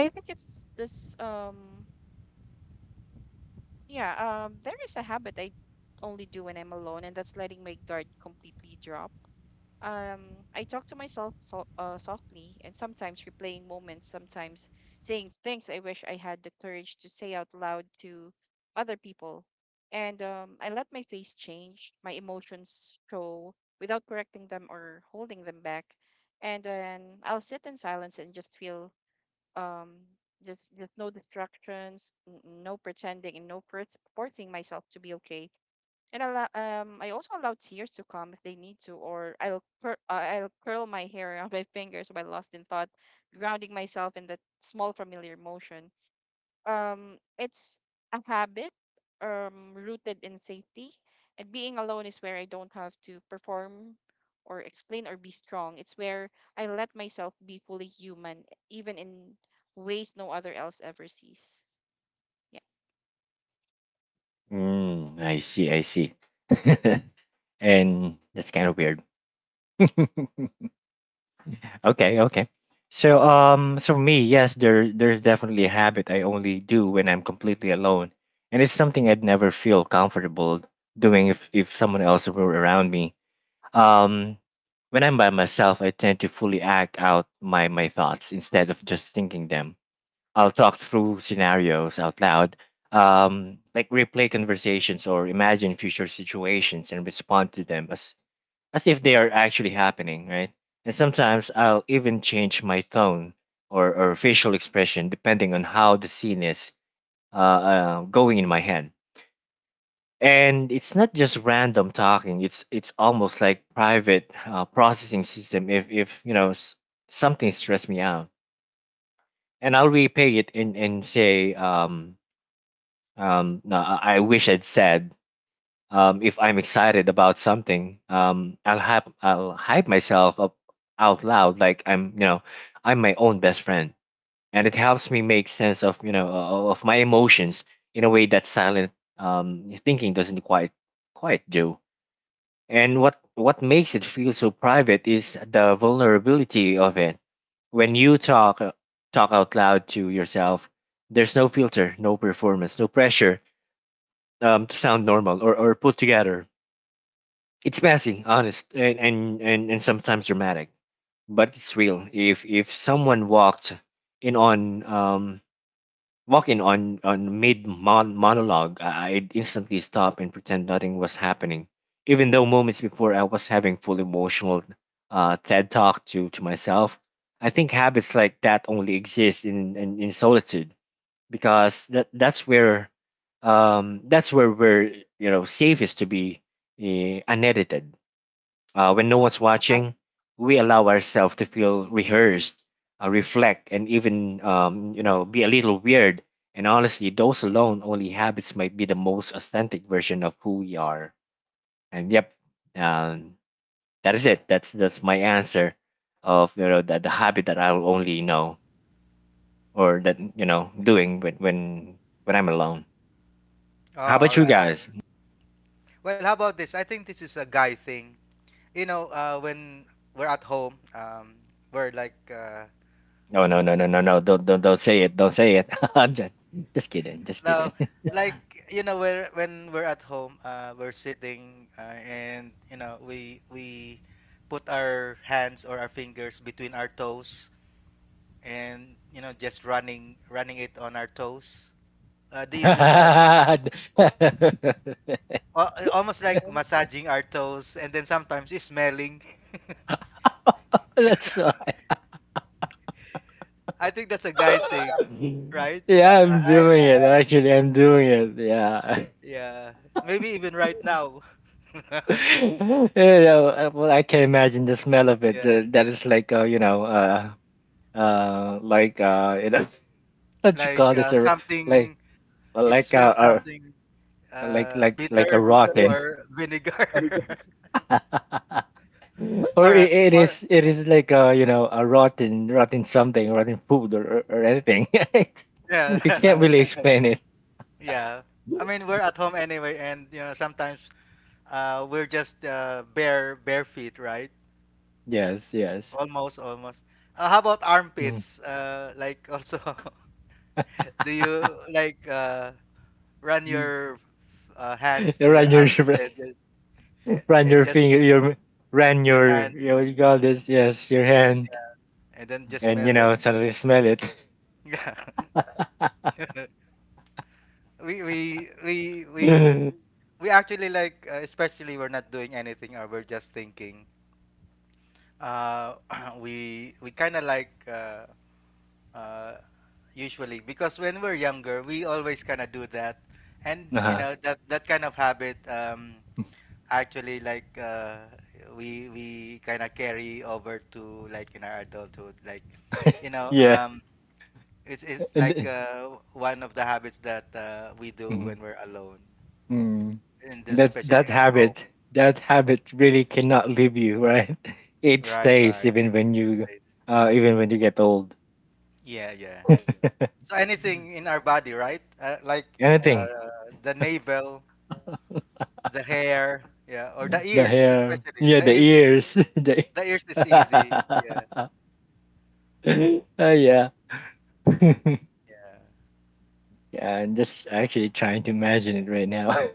Speaker 3: I think it's this um yeah, um there is a habit I only do when I'm alone, and that's letting my guard completely drop. Um, I talk to myself so, uh, softly, and sometimes replaying moments, sometimes saying things I wish I had the courage to say out loud to other people. And um, I let my face change, my emotions show without correcting them or holding them back. And then I'll sit in silence and just feel, um, just, just no distractions, n- no pretending, and no force forcing myself to be okay, and allow, um, I also allow tears to come if they need to, or I'll cur- uh, I'll curl my hair around my fingers while lost in thought, grounding myself in that small familiar motion. Um, it's a habit, um, rooted in safety, and being alone is where I don't have to perform or explain or be strong. It's where I let myself be fully human, even in ways no other else ever sees. Yeah.
Speaker 1: Mm, I see, I see. And that's kind of weird. Okay, okay. So
Speaker 3: Yeah.
Speaker 1: um so me, yes, there there's definitely a habit I only do when I'm completely alone. And it's something I'd never feel comfortable doing if if someone else were around me. Um when I'm by myself, I tend to fully act out my my thoughts instead of just thinking them. I'll talk through scenarios out loud, um, like replay conversations or imagine future situations and respond to them as, as if they are actually happening, right? And sometimes I'll even change my tone or, or facial expression depending on how the scene is uh, uh, going in my head. And it's not just random talking. It's it's almost like private uh, processing system. If if you know s- something stressed me out, and I'll repay it and and say um, Um, no, I I wish I'd said um, if I'm excited about something, um, I'll hype I'll hype myself up out loud like I'm you know I'm my own best friend, and it helps me make sense of you know o- of my emotions in a way that silent um, thinking doesn't quite quite do. And what what makes it feel so private is the vulnerability of it. When you talk uh, talk out loud to yourself, there's no filter, no performance, no pressure um, to sound normal or, or put together. It's messy, honest, and, and, and, and sometimes dramatic, but it's real. If if someone walked in on um, walking on on mid mon- monologue, I- I'd instantly stop and pretend nothing was happening, even though moments before I was having full emotional uh, TED talk to to myself. I think habits like that only exist in, in, in solitude because that that's where um that's where we're you know safest to be uh, unedited, uh, when no one's
Speaker 3: Uh,
Speaker 1: watching. We allow ourselves to feel rehearsed, uh, reflect, and even um you know be a little weird. And honestly, those alone only habits might be the most authentic version of who we are. And yep, um that is it. That's that's my answer of you know that the habit that I'll only know, or that you know doing when when when I'm alone.
Speaker 2: Oh,
Speaker 1: How about
Speaker 2: all
Speaker 1: you
Speaker 2: right.
Speaker 1: guys?
Speaker 2: Well, how about this? I think this is a guy thing. You know, uh, when we're at home, um, we're like, uh,
Speaker 1: No, no, no, no,
Speaker 2: uh,
Speaker 1: no, no. Don't, don't, don't say it. Don't say it. I'm just, just kidding. Just
Speaker 2: no,
Speaker 1: kidding.
Speaker 2: like you know, we're, when we're at home, uh, we're sitting, uh, and you know, we we put our hands or our fingers between our toes, and you know, just running running it on our toes. Uh, do you do that?
Speaker 1: That's
Speaker 2: Uh, uh, almost like massaging our toes and then sometimes it's smelling.
Speaker 1: so hard.
Speaker 2: I think that's a guy thing, right?
Speaker 1: Yeah, I'm
Speaker 2: I I-
Speaker 1: doing it. Actually, I'm doing it. Yeah.
Speaker 2: yeah, maybe even right now.
Speaker 1: You know, uh, well, I can imagine the smell of it.
Speaker 2: Yeah,
Speaker 1: Uh, that is like, uh, you know, uh, uh, like, uh, you know, what you call
Speaker 2: like
Speaker 1: this?
Speaker 2: uh,
Speaker 1: A, like,
Speaker 2: something it
Speaker 1: like, uh,
Speaker 2: smells
Speaker 1: uh,
Speaker 2: something
Speaker 1: like,
Speaker 2: uh,
Speaker 1: like, like a
Speaker 2: bitter
Speaker 1: rotten.
Speaker 2: or vinegar
Speaker 1: Or
Speaker 2: or uh,
Speaker 1: i- it
Speaker 2: or
Speaker 1: is, it is like uh you know a rotten rotten something, rotten food, or or, or anything, right? You
Speaker 2: yeah
Speaker 1: can't really explain it.
Speaker 2: yeah. I mean we're at home anyway, and you know sometimes uh, we're just uh, bare bare feet, right?
Speaker 1: Yes, yes.
Speaker 2: Almost, almost. Uh, how about
Speaker 1: Mm.
Speaker 2: armpits? Uh, like also, do you like uh, run
Speaker 1: Mm.
Speaker 2: your uh, hands
Speaker 1: You
Speaker 2: to your
Speaker 1: run your
Speaker 2: armpits and, then- eh,
Speaker 1: run
Speaker 2: and
Speaker 1: your
Speaker 2: just
Speaker 1: finger your run
Speaker 2: your
Speaker 1: your
Speaker 2: hands
Speaker 1: your you call this, yes, your hand
Speaker 2: and then just
Speaker 1: and
Speaker 2: smell
Speaker 1: you
Speaker 2: it?
Speaker 1: know suddenly smell it.
Speaker 2: Yeah. we we we we we actually like uh, especially we're not doing anything or we're just thinking. Uh, we we kind of like uh, uh, usually because when we're younger we always kind of do that and you
Speaker 1: Uh-huh.
Speaker 2: know that that kind of habit um, actually like uh, we we kind of carry over to like in our adulthood like you know
Speaker 1: Yeah
Speaker 2: um, it's, it's like
Speaker 1: and
Speaker 2: uh, one of the habits that uh, we do
Speaker 1: mm,
Speaker 2: when we're alone
Speaker 1: mm.
Speaker 2: and
Speaker 1: And
Speaker 2: this
Speaker 1: that
Speaker 2: especially
Speaker 1: that
Speaker 2: at home.
Speaker 1: habit, that habit really cannot leave you, right? It
Speaker 2: Right,
Speaker 1: stays,
Speaker 2: right.
Speaker 1: even when you,
Speaker 2: Stays.
Speaker 1: uh even when you get old.
Speaker 2: Yeah, yeah, so anything in our body, right? Uh, like uh,
Speaker 1: Anything.
Speaker 2: the navel. The hair, yeah, or the
Speaker 1: The
Speaker 2: ears,
Speaker 1: hair.
Speaker 2: especially.
Speaker 1: Yeah,
Speaker 2: The
Speaker 1: the
Speaker 2: ears is
Speaker 1: ears. The
Speaker 2: the ears is easy. Yeah,
Speaker 1: oh yeah. Yeah,
Speaker 2: yeah.
Speaker 1: I'm just actually trying to imagine it right now.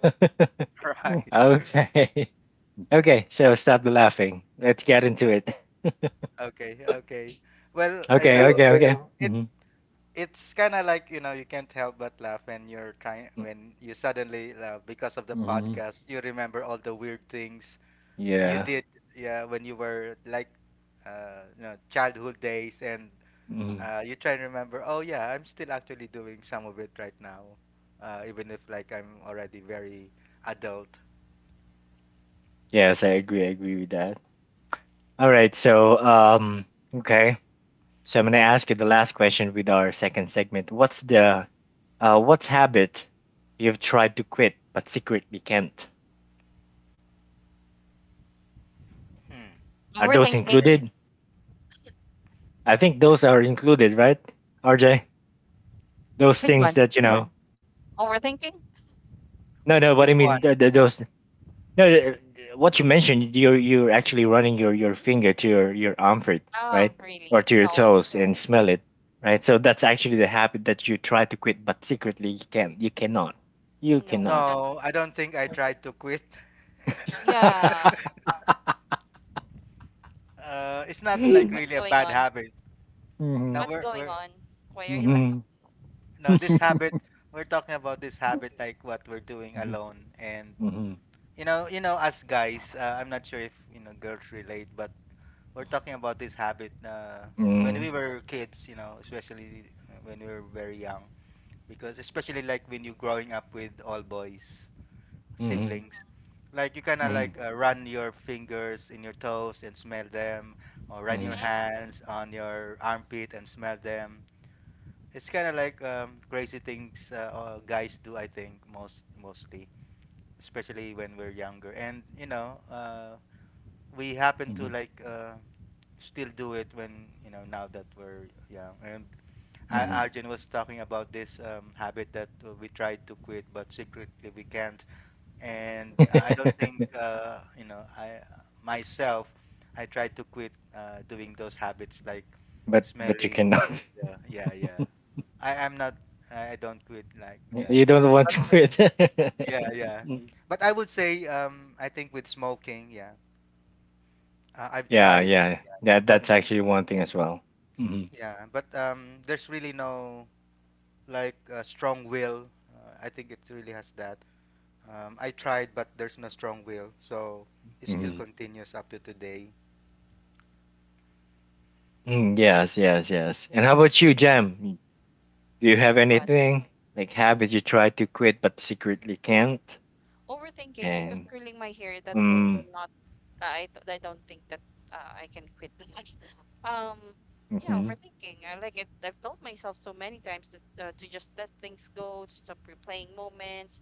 Speaker 2: Right.
Speaker 1: Okay. Okay, so stop the laughing. Let's get into it.
Speaker 2: Okay, okay. Well, you
Speaker 1: Okay,
Speaker 2: know,
Speaker 1: okay, okay.
Speaker 2: it
Speaker 1: Hmm.
Speaker 2: it's kind of like, you know, you can't help but laugh when you're trying when you suddenly uh, because of the
Speaker 1: Hmm.
Speaker 2: podcast, you remember all the weird things you
Speaker 1: Yeah.
Speaker 2: did, yeah, when you were like uh, you know, childhood days and
Speaker 1: Hmm.
Speaker 2: uh, you try and remember, oh yeah, I'm still actually doing some of it right now, uh, even if like I'm already very adult.
Speaker 1: Yes, I agree. I agree with that. All right. So, um, okay. So I'm gonna ask you the last question with our second segment. What's the uh, what's habit you've tried to quit but secretly can't?
Speaker 2: Hmm.
Speaker 1: Are those
Speaker 2: Let
Speaker 3: overthinking.
Speaker 2: me-
Speaker 1: included? I think those are included, right, R J? Those
Speaker 3: Big
Speaker 1: things
Speaker 3: one.
Speaker 1: that you know.
Speaker 3: Overthinking.
Speaker 1: No, no. What
Speaker 2: Which
Speaker 1: I mean,
Speaker 2: one?
Speaker 1: th- th- those. No, th- th- what you mentioned, you're you're actually running your your finger to your your armpit,
Speaker 3: Oh,
Speaker 1: right, or
Speaker 3: really?
Speaker 1: to your
Speaker 3: No,
Speaker 1: toes and smell it, right? So that's actually the habit that you try to quit but secretly you can't. You cannot. You
Speaker 3: no,
Speaker 1: cannot.
Speaker 3: not.
Speaker 2: No, I don't think I tried to quit.
Speaker 3: Yeah.
Speaker 2: Uh, it's not like
Speaker 3: What's
Speaker 2: really a
Speaker 3: going
Speaker 2: bad
Speaker 3: on?
Speaker 2: habit. Now
Speaker 1: Mhm.
Speaker 3: What's
Speaker 2: we're
Speaker 3: going
Speaker 2: we're
Speaker 3: on? Why are you laughing?
Speaker 1: Mhm.
Speaker 2: No, this habit, we're talking about this habit like what we're doing alone and
Speaker 1: Mhm.
Speaker 2: you know you know us guys uh, I'm not sure if you know girls relate but we're talking about this habit uh, when we
Speaker 1: Mhm.
Speaker 2: were kids, you know, especially uh, when we were very young. Because especially like when you are growing up with all boys,
Speaker 1: Mhm.
Speaker 2: siblings, like you kind of like
Speaker 1: Mhm.
Speaker 2: uh, run your fingers in your toes and smell them, or run your
Speaker 1: Mhm.
Speaker 3: Hmm?
Speaker 2: hands on your armpit and smell them. It's kind of like um, crazy things uh, uh, guys do, I think, most mostly, especially when we're younger. And you know, uh, we happen
Speaker 1: Mhm.
Speaker 2: to
Speaker 1: Mhm.
Speaker 2: like uh, still do it when you know now that we're young. And Ar-
Speaker 1: Mhm.
Speaker 2: Arjun was talking about this um, habit that uh, we try to quit, but secretly we can't. And uh, I don't think uh, you know I myself. I try to quit uh, doing those habits like
Speaker 1: But but you
Speaker 2: smelling.
Speaker 1: cannot.
Speaker 2: Yeah, yeah, yeah. I am not. I I don't quit like that.
Speaker 1: You don't want
Speaker 2: But
Speaker 1: to
Speaker 2: yeah, yeah.
Speaker 1: quit.
Speaker 2: But I would say um, I think with smoking, yeah, uh, I've
Speaker 1: Yeah,
Speaker 2: tried.
Speaker 1: yeah.
Speaker 2: Yeah, yeah.
Speaker 1: That
Speaker 2: But
Speaker 1: that's actually one thing as well. Mhm.
Speaker 2: yeah, but um, there's really no like a strong will. Uh, I think it really has that. Um, I tried, but there's no strong will, so it still
Speaker 1: Mhm.
Speaker 2: continues up to today.
Speaker 1: Mm, yes, yes, yes. And how about you, Jam? Do you have
Speaker 3: But
Speaker 1: anything like habit you try to quit but secretly
Speaker 3: yeah,
Speaker 1: can't?
Speaker 3: overthinking, because
Speaker 1: And
Speaker 3: curling my hair that would
Speaker 1: mm,
Speaker 3: not. I th- I don't think that uh, I can quit that. um, yeah,
Speaker 1: mhm,
Speaker 3: overthinking. I like it. I've told myself so many times that, uh, to just let things go, to stop replaying moments,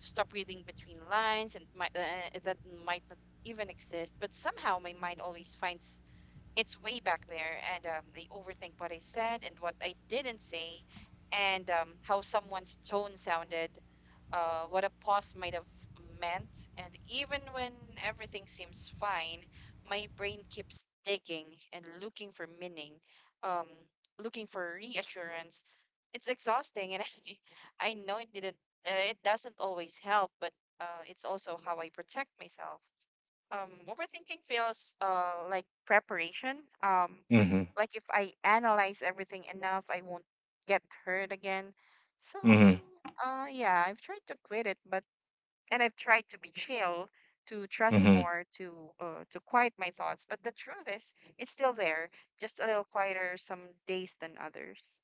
Speaker 3: to stop reading between lines, and might, uh, that might not even exist. But somehow my mind always finds its way back there, and um, I overthink what I said and what I didn't say, and um, how someone's tone sounded, uh, what a pause might have meant. And even when everything seems fine, my brain keeps digging and looking for meaning, um, looking for reassurance. It's exhausting, and I, I know it didn't. Uh, it doesn't always help, but uh, it's also how I protect myself. Um, overthinking feels uh like preparation. Um,
Speaker 1: mhm,
Speaker 3: like if I analyze everything enough, I won't get hurt again. So,
Speaker 1: mhm,
Speaker 3: uh, yeah, I've tried to quit it, but, and I've tried to be chill, to trust
Speaker 1: mhm.
Speaker 3: more, to uh, to quiet my thoughts. But the truth is, it's still there, just a little quieter some days than others.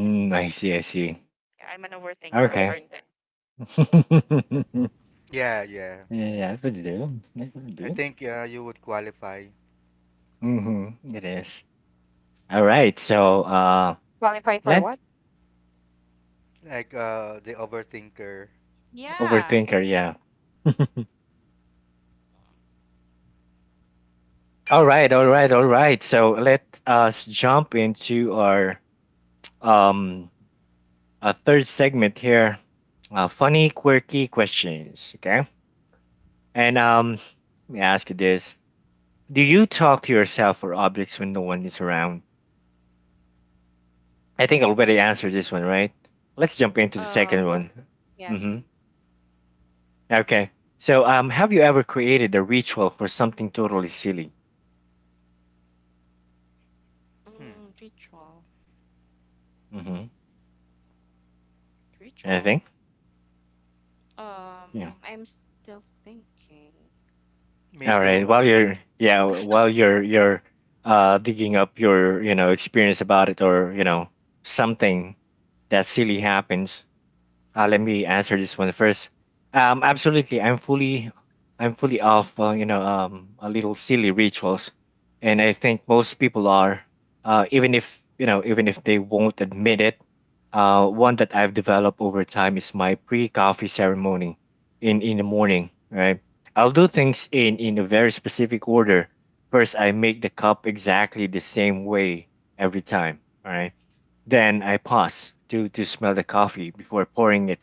Speaker 3: Yeah,
Speaker 1: I see, I see.
Speaker 3: I'm an overthinker,
Speaker 1: Okay.
Speaker 3: Arjun.
Speaker 1: Finger.
Speaker 2: Yeah, yeah.
Speaker 1: Yeah, I would do. I would
Speaker 2: I
Speaker 1: do.
Speaker 2: think uh, you would qualify
Speaker 1: Mm-hmm. It is. All right. So, uh,
Speaker 3: Qualify for
Speaker 1: let
Speaker 3: what?
Speaker 2: like uh, the overthinker.
Speaker 3: Yeah,
Speaker 1: overthinker. Yeah. All
Speaker 3: yeah.
Speaker 1: right. All right. All right. So let us jump into our um a third segment here. Uh, funny, quirky questions. Okay. And um, let me ask you this: Do you talk to yourself or objects when no one is around? I think I already answered this one, right? Let's jump into the
Speaker 3: Um,
Speaker 1: second one.
Speaker 3: yes.
Speaker 1: Hmm. Okay. So, um, have you ever created a ritual for something totally silly?
Speaker 2: Hmm.
Speaker 3: Mm, ritual.
Speaker 1: Mm-hmm.
Speaker 3: Ritual.
Speaker 1: Anything? Yeah.
Speaker 3: Um, I'm still thinking.
Speaker 2: Me
Speaker 1: All right.
Speaker 2: too.
Speaker 1: While
Speaker 2: Um,
Speaker 1: you're, yeah, while you're you're uh digging up your you know experience about it, or you know something that silly happens, Uh, let me answer this one first. Um, absolutely, I'm fully, I'm fully off. Uh, you know, um, a little silly rituals, and I think most people are, uh, even if you know, even if they won't admit it. Uh, one that I've developed over time is my pre-coffee ceremony in in the morning. Right, I'll do things in in a very specific order. First, I make the cup exactly the same way every time. All right. Then I pause to to smell the coffee before pouring it,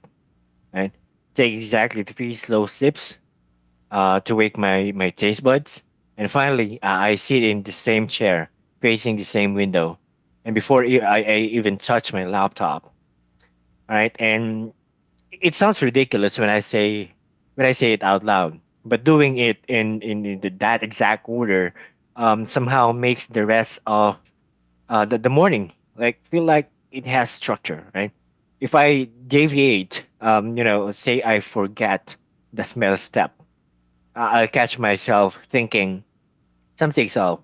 Speaker 1: right? Take exactly three slow sips, uh, to wake my, my taste buds. And finally, uh, I sit in the same chair, facing the same window. And before e- I, I even touch my laptop, right? And it sounds ridiculous when I say, when I say it out loud, but doing it in in, in the, that exact order um, somehow makes the rest of uh, the, the morning like feel like it has structure, right? If I deviate, um you know, say I forget the smell step, I- I'll catch myself thinking something. So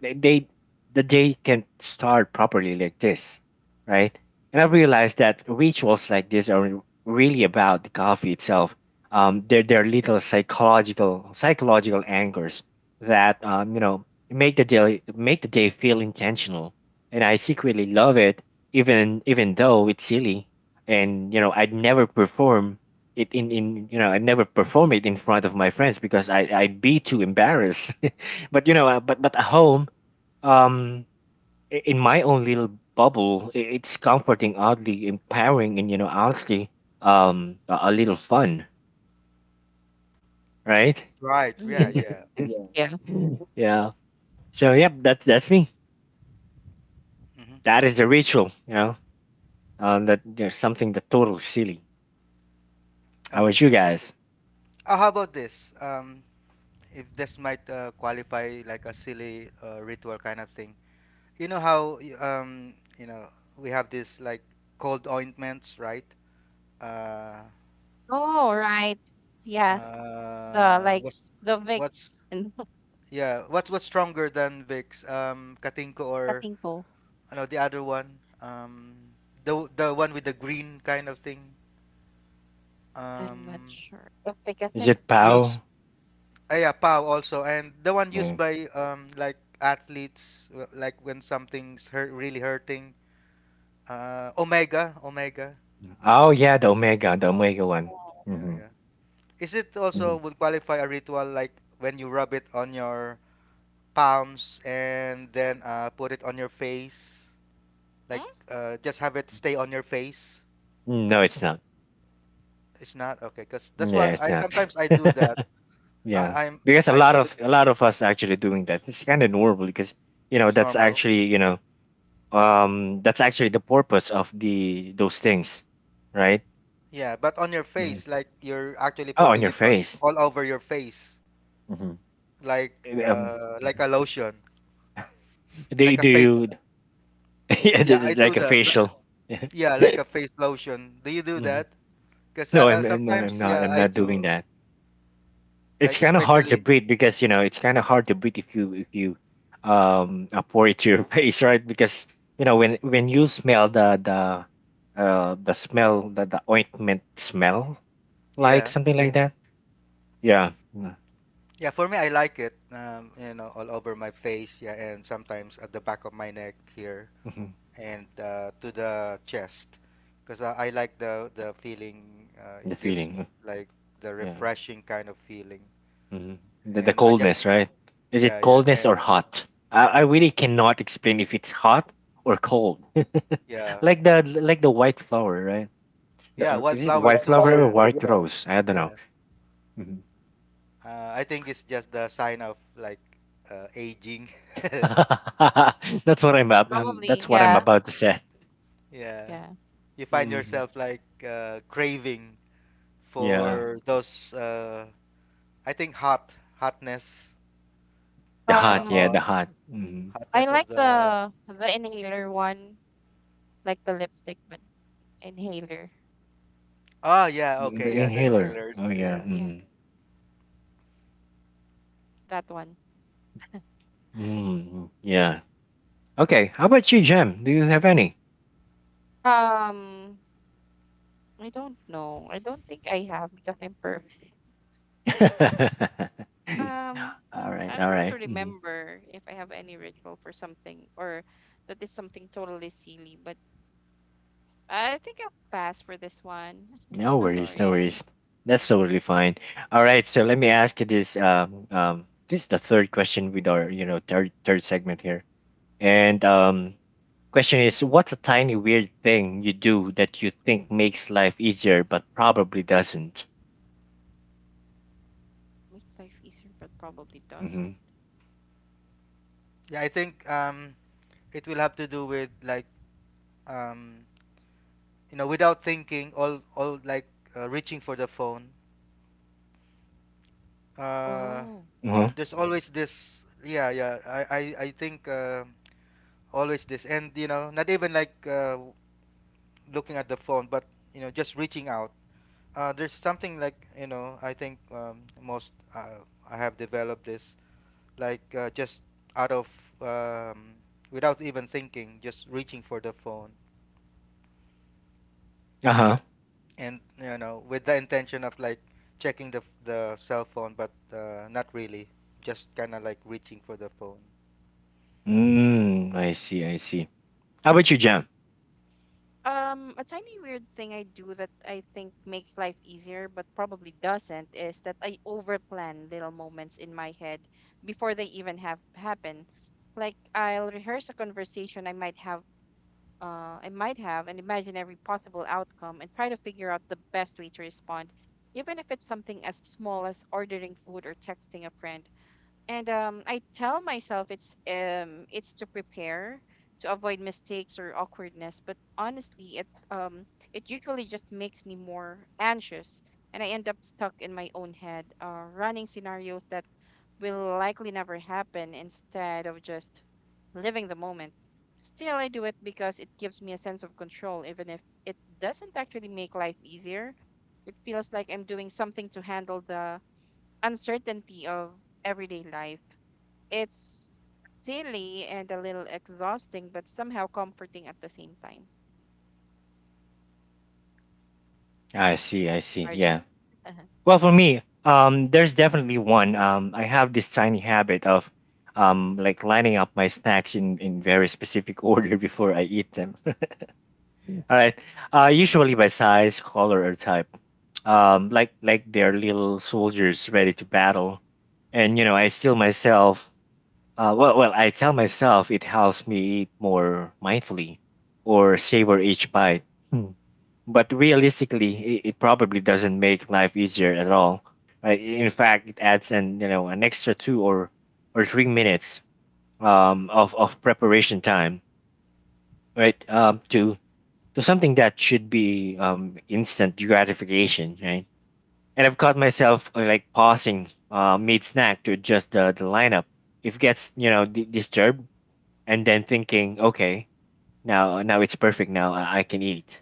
Speaker 1: they, they the day can start properly like this, right? And I realized that rituals like this are really about the coffee itself. um they're, they're little psychological psychological anchors that um you know, make the day, make the day feel intentional, and I secretly love it, even even though it's silly, and you know, I'd never perform it in, in you know, I would never perform it in front of my friends, because I, I'd be too embarrassed. But you know, uh, but but at home, um, i- in my own little bubble, i- it's comforting, oddly empowering, and you know, honestly, um, a, a little fun, right?
Speaker 2: right. Yeah.
Speaker 3: Mm-hmm.
Speaker 2: Yeah.
Speaker 3: Yeah.
Speaker 1: Yeah. So yep, that's that's me.
Speaker 2: hmm
Speaker 1: That is a ritual, you know. Um, that there's something that total silly. How about
Speaker 2: Okay.
Speaker 1: you guys?
Speaker 2: Uh, how about this? Um, if this might uh, qualify like a silly uh, ritual kind of thing. You know how y- um, you know we have this like cold ointments, right? Uh,
Speaker 3: Oh, right. Yeah, the
Speaker 2: Uh,
Speaker 3: like
Speaker 2: what's
Speaker 3: the
Speaker 2: what's
Speaker 3: Vicks and
Speaker 2: yeah, what's what's stronger than Vicks? Um, Katinko or
Speaker 3: Patinko.
Speaker 2: no, the other one. Um, the the one with the green kind of thing.
Speaker 3: I'm not
Speaker 2: Um,
Speaker 3: sure. The
Speaker 1: Is
Speaker 3: Picatinko.
Speaker 1: it
Speaker 2: use
Speaker 1: pow?
Speaker 2: uh, yeah, POW also, and the one
Speaker 1: Yeah.
Speaker 2: used by um like athletes, w- like when something's hurt really hurting. Uh, Omega, Omega.
Speaker 1: Oh yeah, the omega, the
Speaker 3: Oh,
Speaker 1: omega one.
Speaker 2: Yeah,
Speaker 1: Mm-hmm.
Speaker 2: yeah. Is it also
Speaker 1: Mm.
Speaker 2: would qualify a ritual like when you rub it on your palms and then uh, put it on your face? Like
Speaker 3: hmm?
Speaker 2: uh, just have it stay on your face.
Speaker 1: No, it's not.
Speaker 2: It's not okay because that's
Speaker 1: Yeah,
Speaker 2: what
Speaker 1: it's
Speaker 2: I
Speaker 1: not.
Speaker 2: sometimes I do that.
Speaker 1: Yeah,
Speaker 2: I, I'm
Speaker 1: because a
Speaker 2: I
Speaker 1: lot
Speaker 2: put it
Speaker 1: of, a lot of us actually doing that. It's kind of normal because you know
Speaker 2: it's
Speaker 1: that's
Speaker 2: normal.
Speaker 1: actually you know um that's actually the purpose of the those things, right?
Speaker 2: Yeah, but on your
Speaker 1: Mhm.
Speaker 2: face, like you're actually
Speaker 1: Oh, on
Speaker 2: putting
Speaker 1: your
Speaker 2: it on
Speaker 1: face.
Speaker 2: all over your face,
Speaker 1: Hmm.
Speaker 2: like
Speaker 1: Um,
Speaker 2: uh, like a lotion,
Speaker 1: do
Speaker 2: like a
Speaker 1: do
Speaker 2: face.
Speaker 1: you yeah,
Speaker 2: Yeah,
Speaker 1: this
Speaker 2: I
Speaker 1: is
Speaker 2: do
Speaker 1: like a
Speaker 2: that. li-
Speaker 1: facial?
Speaker 2: Yeah, like a face lotion. Do you do
Speaker 1: Hmm.
Speaker 2: that? Because uh,
Speaker 1: No,
Speaker 2: uh,
Speaker 1: I'm I'm- no, I'm
Speaker 2: sometimes,
Speaker 1: not.
Speaker 2: yeah,
Speaker 1: I'm
Speaker 2: I
Speaker 1: not doing
Speaker 2: do.
Speaker 1: that. It's
Speaker 2: Like
Speaker 1: kind of hard to
Speaker 2: especially,
Speaker 1: breathe because you know it's kind of hard to breathe if you if you um uh, pour it to your face, right? Because you know when when you smell the the uh the smell, the, the ointment smell, like
Speaker 2: yeah,
Speaker 1: something like that. Yeah yeah,
Speaker 2: yeah. For me, I like it. Um, you know, all over my face. Yeah, and sometimes at the back of my neck here.
Speaker 1: mm-hmm.
Speaker 2: And uh, to the chest because I, I like the the feeling uh, it
Speaker 1: The
Speaker 2: gives
Speaker 1: feeling,
Speaker 2: me like the
Speaker 1: yeah.
Speaker 2: refreshing kind of feeling.
Speaker 1: Hmm. the, the
Speaker 2: And I just
Speaker 1: coldness, right? Is
Speaker 2: yeah,
Speaker 1: it
Speaker 2: yeah.
Speaker 1: coldness or
Speaker 2: And
Speaker 1: hot? I, I really cannot explain if it's hot or cold.
Speaker 2: yeah,
Speaker 1: Like the, like the white flower, right? The,
Speaker 2: yeah,
Speaker 1: uh, is it
Speaker 2: wildflower
Speaker 1: white
Speaker 2: too,
Speaker 1: flower or
Speaker 2: yeah,
Speaker 1: white rose, I don't know.
Speaker 2: yeah.
Speaker 1: Mm-hmm.
Speaker 2: uh, I think it's just the sign of like uh, aging.
Speaker 1: That's what I'm, ab- um,
Speaker 3: Probably,
Speaker 1: that's what I'm
Speaker 3: yeah.
Speaker 1: about to say.
Speaker 2: yeah,
Speaker 3: Yeah.
Speaker 2: you find
Speaker 1: Hmm.
Speaker 2: yourself like uh, craving
Speaker 1: Yeah,
Speaker 2: for those uh, I think hot hotness
Speaker 1: the
Speaker 2: uh,
Speaker 1: hot, yeah, the
Speaker 2: or
Speaker 3: Um,
Speaker 1: hot, hmm.
Speaker 3: I
Speaker 2: hotness
Speaker 3: like
Speaker 2: of the.
Speaker 3: the the inhaler one, like the lipstick, but inhaler,
Speaker 2: Oh yeah,
Speaker 1: the,
Speaker 3: the
Speaker 2: okay,
Speaker 1: the
Speaker 3: Vicks
Speaker 2: yeah, the
Speaker 3: inhaler.
Speaker 1: inhaler.
Speaker 2: inhalers,
Speaker 1: Oh yeah,
Speaker 2: yeah.
Speaker 3: Yeah,
Speaker 1: mm.
Speaker 3: that one.
Speaker 1: Mm yeah. Okay, how about you, Jem? Do you have any?
Speaker 3: Um, I don't know. I don't think I have, because I'm perfect. Um,
Speaker 1: All right,
Speaker 3: I'm
Speaker 1: all
Speaker 3: trying to
Speaker 1: right. Mhm.
Speaker 3: remember if I have any ritual for something, or that is something totally silly, but I think I'll pass for this one.
Speaker 1: No
Speaker 3: I'm
Speaker 1: worries, no
Speaker 3: sorry.
Speaker 1: worries. That's totally fine. All right, so let me ask you this. Um, um, this is the third question with our, you know, third third segment here. And um, question is, what's a tiny weird thing you do that you think makes life easier but probably doesn't?
Speaker 3: Make life easier, but probably
Speaker 1: Mm-hmm.
Speaker 3: doesn't.
Speaker 2: Yeah, I think um, it will have to do with like um, you know, without thinking, all all like uh, reaching for the phone. Uh,
Speaker 3: Oh.
Speaker 1: Uh-huh.
Speaker 2: there's always this. Yeah, yeah. I I, I think uh, always this, and you know, not even like uh, looking at the phone, but you know, just reaching out. Uh, there's something like you know, I think um, most uh, I have developed this like uh, just out of um, without even thinking, just reaching for the phone.
Speaker 1: Uh-huh.
Speaker 2: And you know with the intention of like checking the the cell phone but uh, not really just kind of like reaching for the phone.
Speaker 1: Mm, I see, I see. How about you, Jam?
Speaker 3: Um, a tiny weird thing I do that I think makes life easier, but probably doesn't, is that I overplan little moments in my head before they even have happen. Like I'll rehearse a conversation I might have uh, I might have, and imagine every possible outcome and try to figure out the best way to respond, even if it's something as small as ordering food or texting a friend. And um, I tell myself it's um it's to prepare, to avoid mistakes or awkwardness, but honestly, it um it usually just makes me more anxious, and I end up stuck in my own head, uh, running scenarios that will likely never happen, instead of just living the moment. Still, I do it because it gives me a sense of control, even if it doesn't actually make life easier. It feels like I'm doing something to handle the uncertainty of everyday life. It's silly and a little exhausting, but somehow comforting at the same time.
Speaker 1: I see,
Speaker 3: Yes,
Speaker 1: I see.
Speaker 3: Arjun?
Speaker 1: Yeah.
Speaker 3: Uh-huh.
Speaker 1: Well, for me, um, there's definitely one. Um, I have this tiny habit of um like lining up my snacks in in very specific order before I eat them. All right. Uh, usually by size, color, or type. Um, like like they're little soldiers ready to battle, and you know I still myself. Uh, well, well, I tell myself it helps me eat more mindfully, or savor each bite. Hmm. But realistically, it, it probably doesn't make life easier at all. Right? In fact, it adds an you know an extra two or or three minutes um of of preparation time. Right? Um, to to something that should be um, instant gratification, right? And I've caught myself uh, like pausing uh, mid snack to adjust the, the lineup. If it gets you know di disturbed, and then thinking, okay, now now it's perfect. Now I, I can eat.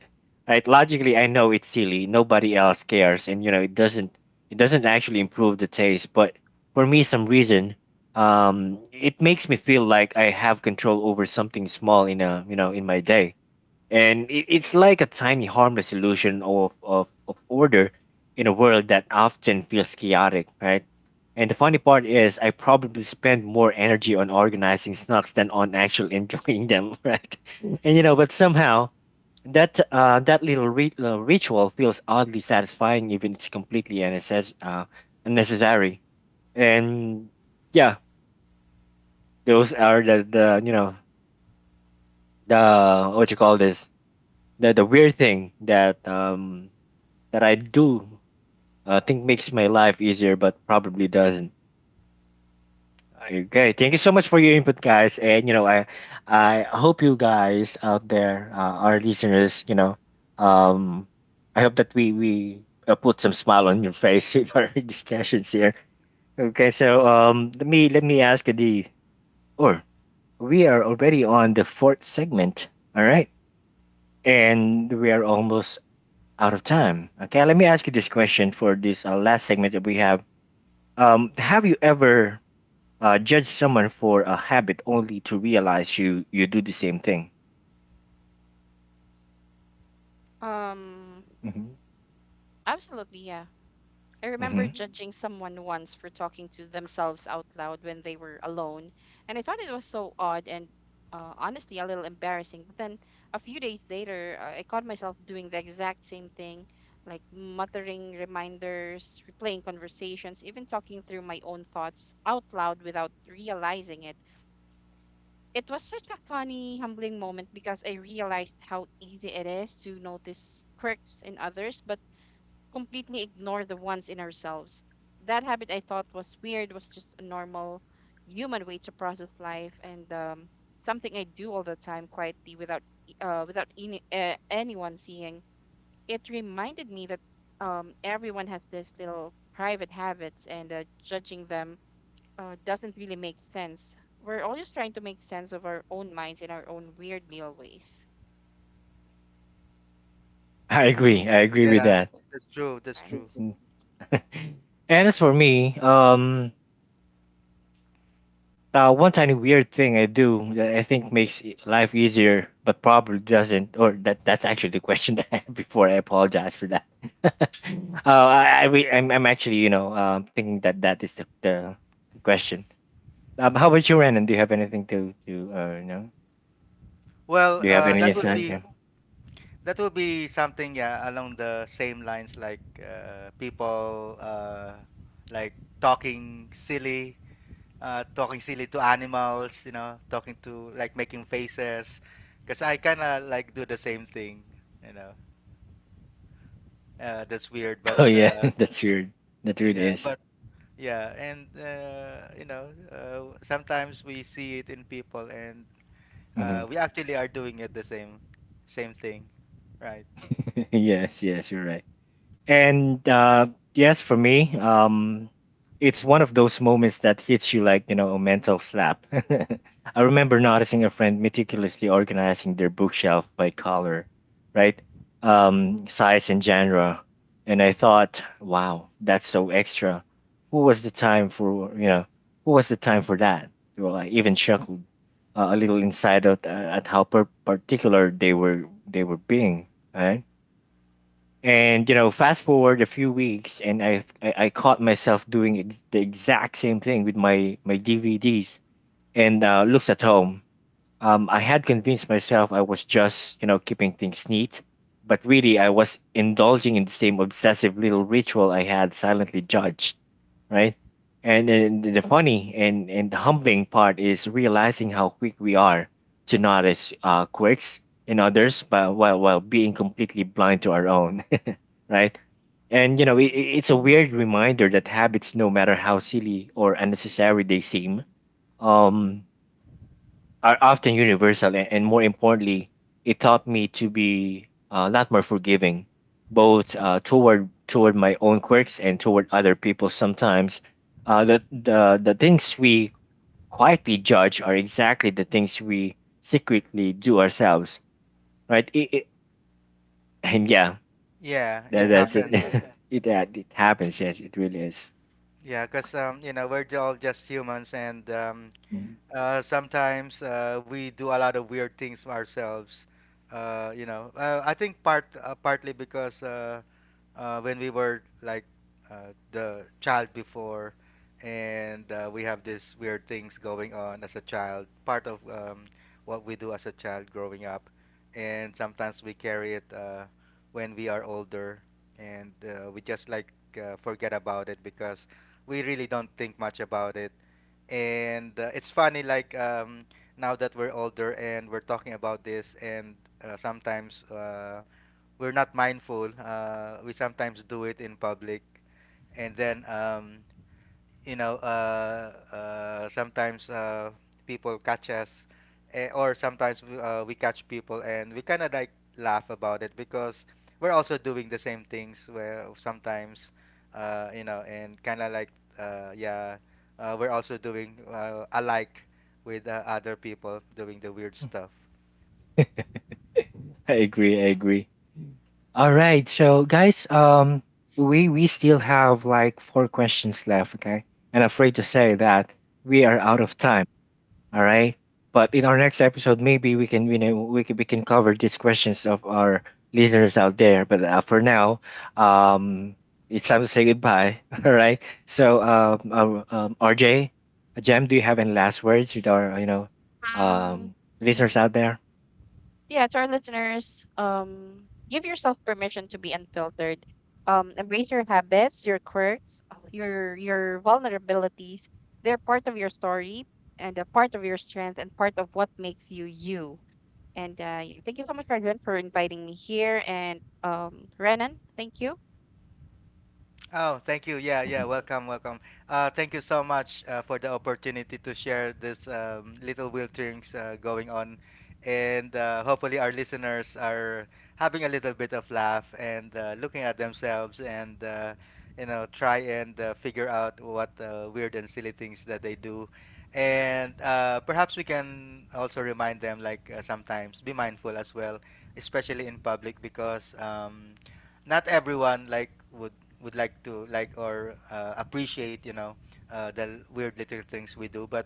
Speaker 1: Right? Logically, I know it's silly. Nobody else cares, and you know it doesn't it doesn't actually improve the taste. But for me, some reason, um, it makes me feel like I have control over something small in a you know in my day and it, it's like a tiny harmless illusion of, of, of order in a world that often feels chaotic, right? And the funny part is I probably spend more energy on organizing snacks than on actually enjoying them. Right? And you know, but somehow that uh, that little ri- uh, ritual feels oddly satisfying even it's completely unnecess- uh, unnecessary, and yeah, those are the, the you know the, what you call this, the the weird thing that um that I do uh, think makes my life easier, but probably doesn't. Okay, thank you so much for your input, guys, and you know I I hope you guys out there, uh, our listeners, you know, um, I hope that we we uh, put some smile on your face with our discussions here. Okay, so um, let me let me ask you the, or we are already on the fourth segment. All right. And we are almost out of time. Okay, let me ask you this question for this uh, last segment that we have. Um, have you ever uh, judged someone for a habit only to realize you you do the same thing?
Speaker 3: Um,
Speaker 1: Hmm.
Speaker 3: absolutely, yeah. I remember
Speaker 1: Hmm.
Speaker 3: judging someone once for talking to themselves out loud when they were alone, and I thought it was so odd and uh, honestly a little embarrassing. But then a few days later, uh, I caught myself doing the exact same thing, like muttering reminders, replaying conversations, even talking through my own thoughts out loud without realizing it. It was such a funny, humbling moment, because I realized how easy it is to notice quirks in others, but completely ignore the ones in ourselves. That habit I thought was weird was just a normal human way to process life, and um, something I do all the time quietly without e- uh, without any, uh, anyone seeing. It reminded me that um, everyone has these little private habits, and uh, judging them uh, doesn't really make sense. We're always trying to make sense of our own minds in our own weird little ways,
Speaker 1: I agree.
Speaker 2: Mm,
Speaker 1: I agree with
Speaker 2: yeah,
Speaker 1: that.
Speaker 2: that's true, that's
Speaker 3: right?
Speaker 2: true.
Speaker 1: And as for me, um, Uh, one tiny weird thing I do that I think makes e- life easier, but probably doesn't. Or that that's actually the question that I had before. I apologize for that. uh, I, I re- I'm I'm actually you know um thinking that that is the the, the question. Um, how about you, Renan? Do you have anything to to uh, you know?
Speaker 2: Well
Speaker 1: Do you have
Speaker 2: uh,
Speaker 1: any
Speaker 2: that would
Speaker 1: insight?
Speaker 2: be
Speaker 1: Yeah.
Speaker 2: that would be something, yeah, along the same lines like uh, people uh, like talking silly uh, talking silly to animals, you know, talking to like making faces because I kind of like do the same thing, you know. uh, that's weird, but
Speaker 1: Oh yeah,
Speaker 2: uh,
Speaker 1: that's weird. That really
Speaker 2: yeah
Speaker 1: is.
Speaker 2: but yeah. And uh, you know, uh, sometimes we see it in people, and
Speaker 1: Hmm.
Speaker 2: uh, we actually are doing it the same, same thing, right?
Speaker 1: Yes, yes, you're right. And uh, yes, for me, um, it's one of those moments that hits you like, you know, a mental slap. I remember noticing a friend meticulously organizing their bookshelf by color, right? Um, size and genre. And I thought, wow, that's so extra. Who was the time for, you know, who was the time for that? Well, I even chuckled uh, a little inside out uh, at how per- particular they were they were being, right? And you know, fast forward a few weeks, and I I, I caught myself doing ex- the exact same thing with my my D V Ds and uh, looks at home. Um, I had convinced myself I was just, you know, keeping things neat, but really I was indulging in the same obsessive little ritual I had silently judged, right? And, and the funny and, and the humbling part is realizing how quick we are to notice uh, quirks in others, but while while being completely blind to our own, right? And you know, it, it- it's a weird reminder that habits, no matter how silly or unnecessary they seem, um are often universal and, and more importantly, it taught me to be a lot more forgiving, both uh, toward toward my own quirks and toward other people. Sometimes, uh, the the the things we quietly judge are exactly the things we secretly do ourselves, right? It, it, and yeah,
Speaker 2: Yeah,
Speaker 1: that,
Speaker 2: it
Speaker 1: that's it.
Speaker 2: happens.
Speaker 1: It, that- it happens. Yes, it really is.
Speaker 2: Yeah, because um, you know, we're j- all just humans, and um,
Speaker 1: Mhm.
Speaker 2: uh, sometimes uh, we do a lot of weird things ourselves. Uh, you know, uh, I think part uh, partly because uh, uh, when we were like uh, the child before, and uh, we have these weird things going on as a child, part of um, what we do as a child growing up, and sometimes we carry it uh, when we are older, and uh, we just like uh, forget about it because we really don't think much about it, and uh, it's funny like um, now that we're older and we're talking about this, and uh, sometimes. Uh, we're not mindful. Uh, we sometimes do it in public, and then um, you know uh, uh, sometimes uh, people catch us, eh, or sometimes we, uh, we catch people, and we kind of like laugh about it because we're also doing the same things. Where sometimes uh, you know, and kind of like uh, yeah, uh, we're also doing uh, alike with uh, other people doing the weird stuff.
Speaker 1: I agree. I agree. All right, so guys, um, we we still have like four questions left, okay? And I'm afraid to say that we are out of time. All right, but in our next episode, maybe we can you know we can, we can cover these questions of our listeners out there. But uh, for now, um, it's time to say goodbye. All right, so um, um, um R J, Jam, do you have any last words with our you know
Speaker 3: Mm-hmm. Um,
Speaker 1: um listeners out there?
Speaker 3: yeah, to our listeners, um, give yourself permission to be unfiltered. Um, embrace your habits, your quirks, uh, your your vulnerabilities. They're part of your story and a part of your strength and part of what makes you you. And uh, yeah, thank you so much, Rajan, for inviting me here. And um, Renan, thank you.
Speaker 2: Oh, thank you. Yeah, yeah.
Speaker 1: Mhm.
Speaker 2: Welcome, welcome. Uh, thank you so much uh, for the opportunity to share this um, little wilterings uh, going on, and uh, hopefully our listeners are having a little bit of laugh and uh, looking at themselves and uh, you know try and uh, figure out what uh, weird and silly things that they do, and uh, perhaps we can also remind them like uh, sometimes be mindful as well, especially in public because. Um, not everyone like would would like to like or uh, appreciate, you know, uh, the weird little things we do. But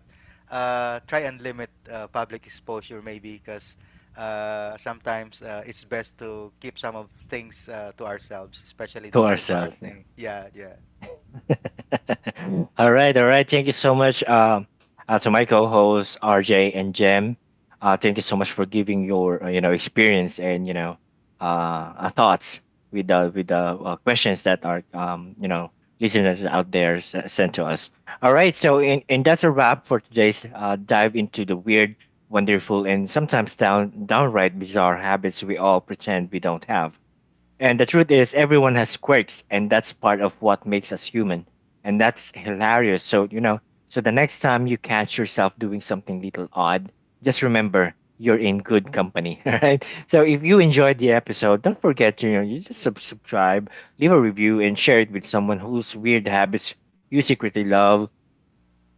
Speaker 2: uh, try and limit uh, public exposure maybe because uh, sometimes uh, it's best to keep some of things uh, to ourselves, especially
Speaker 1: To
Speaker 2: those
Speaker 1: ourselves, yeah.
Speaker 2: embarrassing. Yeah, yeah.
Speaker 1: All right, all right. Thank you so much, um, uh, to my co-hosts R J and Jem. Uh, thank you so much for giving your uh, you know experience and you know uh, uh, thoughts with the with the uh, questions that our um you know listeners out there s- sent to us. All right, so and and that's a wrap for today's uh, dive into the weird, wonderful, and sometimes down downright bizarre habits we all pretend we don't have. And the truth is, everyone has quirks, and that's part of what makes us human. And that's hilarious. So, you know, so the next time you catch yourself doing something little odd, just remember you're in good company. All right. So, if you enjoyed the episode, don't forget to, you know, you just sub- subscribe, leave a review, and share it with someone whose weird habits you secretly love.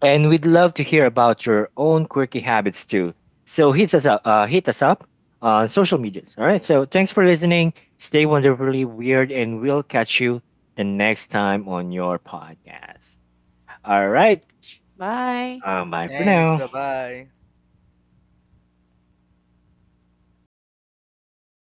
Speaker 1: And we'd love to hear about your own quirky habits too. So hit us up, uh, hit us up on social medias. All right. So thanks for listening. Stay wonderfully weird, and we'll catch you the next time on your podcast. All right.
Speaker 3: Bye.
Speaker 1: Um, bye for
Speaker 2: Thanks.
Speaker 1: now.
Speaker 2: Bye bye.